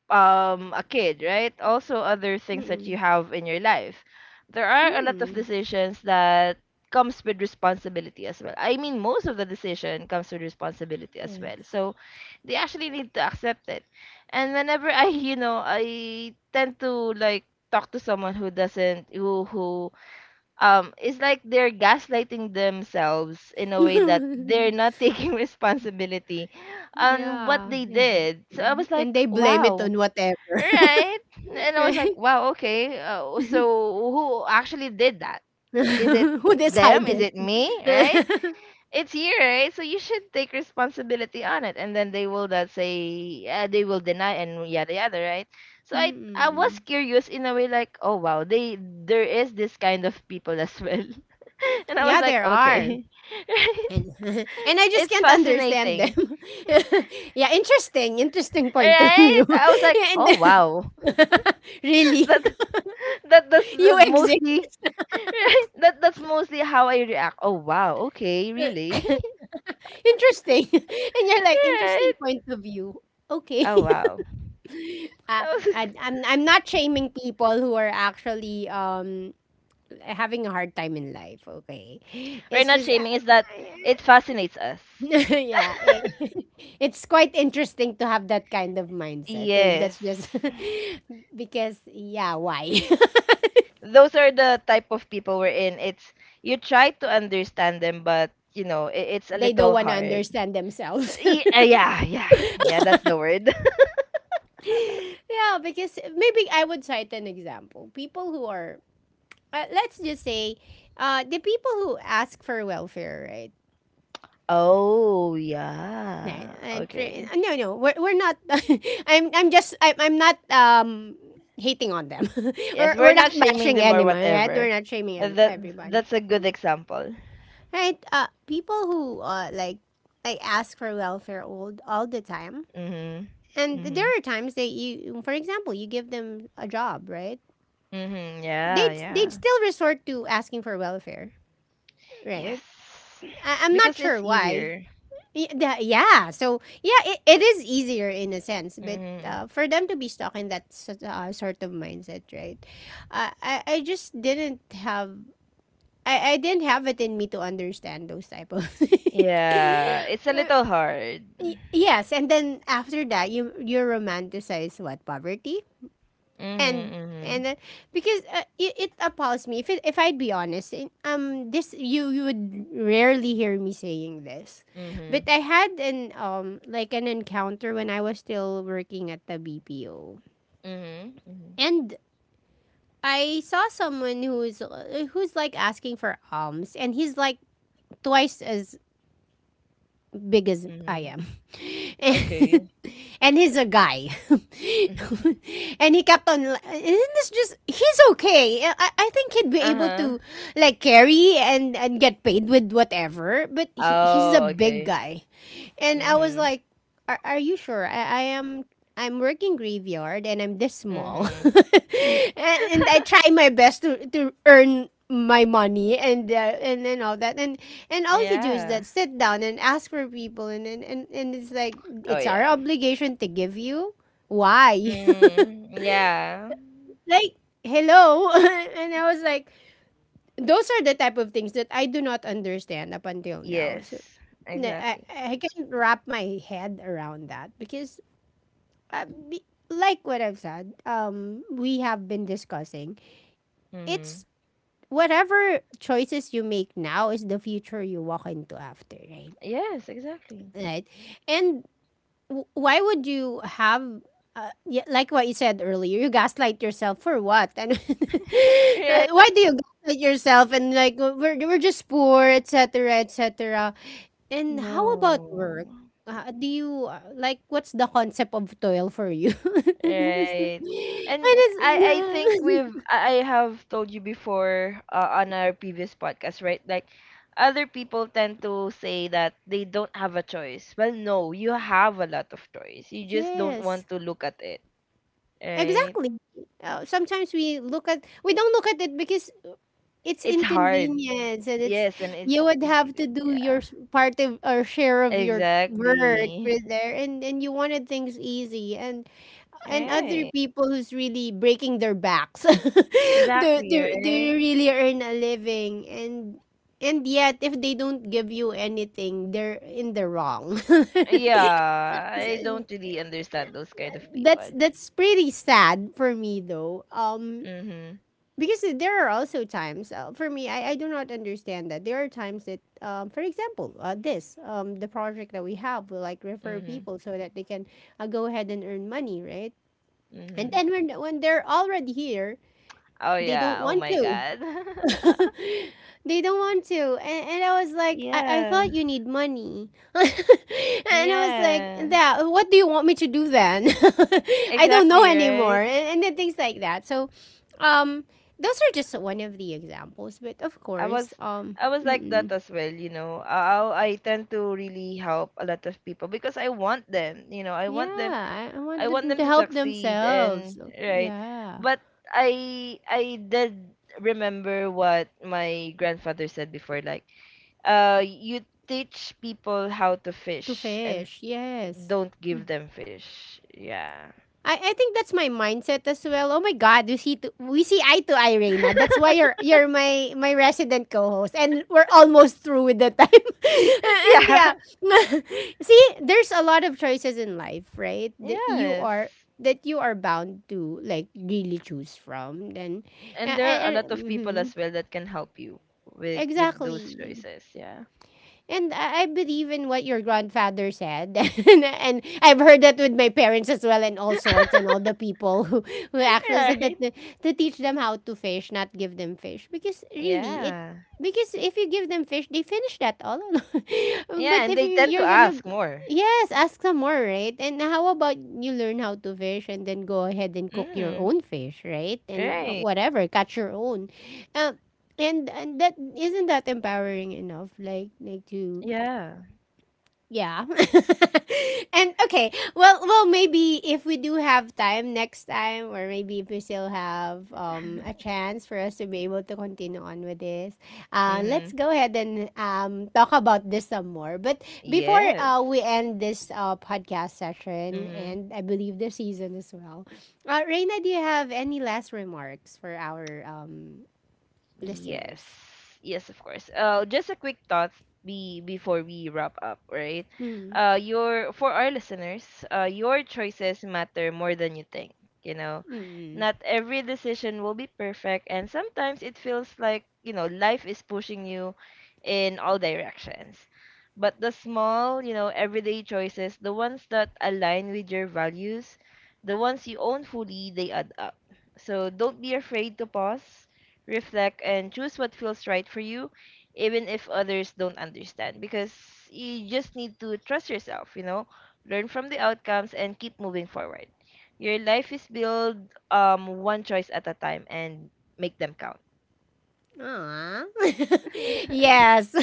S2: a kid, right? Also other things
S1: Mm-mm.
S2: that you have in your life. There are a lot of
S1: Mm.
S2: decisions that comes with responsibility as well. I mean, most of the decision comes with responsibility as well.
S1: Yes.
S2: So they actually need to accept it. And whenever I, you know, I tend to like talk to someone who doesn't who it's like they're gaslighting themselves in a way that they're not taking responsibility on what
S1: Yeah,
S2: they
S1: yeah.
S2: did. So I was like,
S1: And they blame it
S2: wow.
S1: on whatever.
S2: Right? And I was like,
S1: Right?
S2: wow, okay. So who actually did that? Is it
S1: Who
S2: them? Is
S1: decided?
S2: it me? Right? It's you, right? So you should take responsibility on it. And then they will not say, they will deny and yada yada, right? So I
S1: Mm-mm.
S2: was curious in a way like, oh wow, they there is this kind of people as well. And I was
S1: Yeah, there
S2: like,
S1: are.
S2: okay. Right?
S1: And and I just
S2: It's
S1: can't understand
S2: fascinating.
S1: them. Yeah, interesting, interesting point of
S2: Right?
S1: view.
S2: I was like,
S1: Yeah, and
S2: oh
S1: then-
S2: wow.
S1: really,
S2: That that that's
S1: you
S2: uh,
S1: exist.
S2: mostly right, that's mostly how I react. Oh wow, okay, really?
S1: Interesting, and you're like interesting
S2: Right.
S1: point of view. Okay,
S2: Oh wow.
S1: uh,
S2: That was
S1: I'm not shaming people who are actually having a hard time in life. Okay,
S2: we're
S1: it's
S2: not
S1: just.
S2: shaming, it's that it fascinates us.
S1: Yeah, it's quite interesting to have that kind of mindset. That's
S2: Yes.
S1: just because, yeah, why?
S2: Those are the type of people we're in. It's you try to understand them, but you know, it's a
S1: They don't
S2: little
S1: want to
S2: hard.
S1: understand themselves.
S2: Y- uh, yeah, yeah, yeah, that's the word.
S1: Yeah, because maybe I would cite an example. People who are, let's just say, the people who ask for welfare, right?
S2: Oh, yeah. Okay.
S1: No, no, we're not. I'm not hating on them.
S2: Yes,
S1: we're,
S2: we're
S1: we're not
S2: not shaming
S1: bashing
S2: them or
S1: anyone, right? We're
S2: whatever.
S1: not shaming
S2: Uh, That
S1: everybody.
S2: that's a good example.
S1: Right? People who like ask for welfare all the time,
S2: Mhm.
S1: and there
S2: Mhm.
S1: are times that you, for example, you give them a job, right?
S2: Mhm. Yeah,
S1: They'd
S2: yeah.
S1: they'd still resort to asking for welfare, right?
S2: Yes.
S1: I'm not
S2: Because
S1: sure
S2: it's
S1: why.
S2: easier.
S1: Yeah, so yeah, it is easier in a sense, but
S2: Mhm.
S1: for them to be stuck in that sort of mindset, right? Uh, I I just didn't have I didn't have it in me to understand those type of. things.
S2: Yeah, it's a little hard.
S1: Yes, and then after that, you romanticize what poverty
S2: Mhm. Mhm.
S1: and because it appalls me if it, if I'd be honest, this you would rarely hear me saying this, but
S2: Mhm.
S1: I had an like an encounter when I was still working at the BPO,
S2: Mhm. Mhm.
S1: and I saw someone who's who's like asking for alms, and he's like twice as big as I
S2: Mhm.
S1: am. And,
S2: Okay.
S1: and he's a guy. And he kept on, li- and it's just, he's okay. I think he'd be able
S2: Uh-huh.
S1: to like carry and get paid with whatever, but he's a
S2: Oh,
S1: big
S2: okay.
S1: guy. And I was
S2: Mhm.
S1: like, are you sure? I am. I'm working graveyard, and I'm this small,
S2: Mhm.
S1: and I try my best to earn my money and all that. And all you do is that
S2: Yeah.
S1: sit down and ask for people, and and it's like
S2: Oh,
S1: it's our
S2: yeah.
S1: obligation to give you. Why?
S2: Mhm. Yeah.
S1: like." Hello, and I was like, those are the type of things that I do not understand up until now. So
S2: Yes.
S1: na- I,
S2: Exactly.
S1: I can't wrap my head around that because uh, be, like what I've said, we have been discussing.
S2: Mhm.
S1: It's whatever choices you make now is the future you walk into after, right?
S2: Yes, exactly.
S1: Right. And why would you have yeah, like what you said earlier, you gaslight yourself for what? And
S2: Right.
S1: why do you gaslight yourself? And like we're just poor, etc., etc. And how about
S2: No.
S1: work? Do you like what's the concept of toil for you? And it's,
S2: Right. And
S1: and
S2: I think we've
S1: it's
S2: I have told you before on our previous podcast, right? Like other people tend to say that they don't have a choice. Well, no, you have a lot of choice. You just don't
S1: yes,
S2: want to look at it, right?
S1: exactly. Sometimes we don't look at it because it's
S2: It's hard.
S1: inconvenience and it's
S2: Yes, and
S1: you would
S2: it's
S1: have to do your
S2: yeah.
S1: part of or share of your work
S2: Exactly.
S1: with there and you wanted things easy and other
S2: Right.
S1: people who's really breaking their backs
S2: Exactly, right?
S1: they really earn a living and yet if they don't give you anything they're in the wrong.
S2: Yeah, I don't really understand those kind of
S1: that's
S2: people.
S1: that's pretty sad for me though,
S2: Mhm.
S1: because there are also times for me I do not understand that there are times that for example this the project that we have will like refer
S2: Mhm.
S1: people so that they can go ahead and earn money, right? And
S2: Mhm.
S1: then when they're already here
S2: Oh
S1: they don't
S2: yeah. Oh
S1: want
S2: my
S1: to
S2: God.
S1: they don't want to, and I was like I thought
S2: Yeah.
S1: you need money. And I was like,
S2: Yeah,
S1: that what do you want me to do then? I don't know
S2: exactly,
S1: anymore,
S2: right?
S1: and then things like that. So um those are just one of the examples, but of
S2: I
S1: course
S2: was I was like
S1: mm-mm.
S2: that as well, you know. I tend to really help a lot of people because I want them, you know.
S1: Yeah, I want
S2: I want
S1: them
S2: them
S1: to
S2: to
S1: help
S2: succeed
S1: themselves.
S2: and right.
S1: Yeah,
S2: But I did remember what my grandfather said before, like you teach people how to
S1: to
S2: fish and
S1: fish, yes.
S2: don't give them fish. Yeah.
S1: I think that's my mindset as well. Oh my God, we see eye to eye, Reina. That's why you're my resident co-host, and we're almost through with the time. And
S2: Yeah.
S1: yeah, see, there's a lot of choices in life, right?
S2: Yes.
S1: That you are bound to like really choose from. Then,
S2: And there are a
S1: and
S2: lot of people
S1: mhm,
S2: as well that can help you with those
S1: exactly.
S2: choices. Yeah.
S1: And I believe in what your grandfather said. And I've heard that with my parents as well, and all sorts, and all the people who actually said that
S2: Right.
S1: to teach them how to fish, not give them fish. Because really, it
S2: Yeah.
S1: because if you give them fish, they finish that all alone.
S2: Yeah,
S1: But
S2: and
S1: if
S2: they
S1: you,
S2: tend to
S1: you're gonna
S2: ask more.
S1: Yes, ask some more, right? And how about you learn how to fish and then go ahead and cook your
S2: Mm.
S1: own fish, right? And
S2: Right.
S1: whatever, catch your own. Uh, and that isn't that empowering enough, like to
S2: Yeah.
S1: yeah. And okay, well maybe if we do have time next time, or maybe if we still have a chance for us to be able to continue on with this, let's
S2: Mhm.
S1: go ahead and talk about this some more. But before
S2: Yes.
S1: we end this podcast session,
S2: Mhm.
S1: and I believe the season as well, Reina, do you have any last remarks for our listeners?
S2: Yes. Yes, of course. Just a quick thought be before we wrap up, right?
S1: Hmm.
S2: Your for our listeners, your choices matter more than you think, you know.
S1: 嗯嗯嗯
S2: Not every decision will be perfect, and sometimes it feels like, you know, life is pushing you in all directions. But the small, you know, everyday choices, the ones that align with your values, the ones you own fully, they add up. So don't be afraid to pause, reflect, and choose what feels right for you, even if others don't understand. Because you just need to trust yourself, you know, learn from the outcomes and keep moving forward. Your life is built, one choice at a time, and make them count.
S1: Aw. Yes.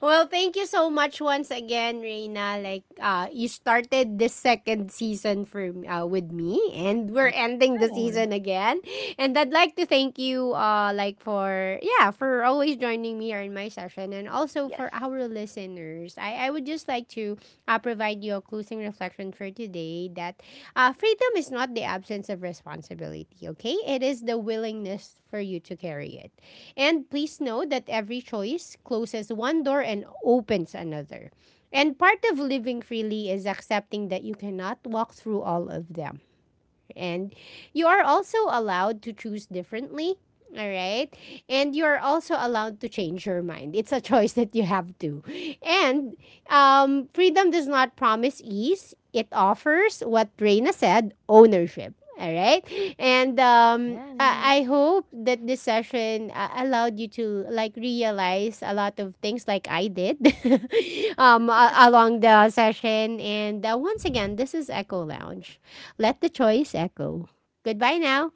S1: Well, thank you so much once again, Reina. Like, you started this second season for with me, and we're ending the
S2: Yeah.
S1: season again. And I'd like to thank you, like for yeah, for always joining me here in my session, and also
S2: Yes.
S1: for our listeners. I would just like to provide you a closing reflection for today that freedom is not the absence of responsibility. Okay, it is the willingness for you to carry it. And please know that every choice closes one door and opens another. And part of living freely is accepting that you cannot walk through all of them. And you are also allowed to choose differently. All right. And you're also allowed to change your mind. It's a choice that you have to. And freedom does not promise ease, it offers what Reina said ownership. All right. And
S2: Yes.
S1: I hope that this session allowed you to like realize a lot of things like I did along the session. And once again, this is Echo Lounge. Let the choice echo. Goodbye now.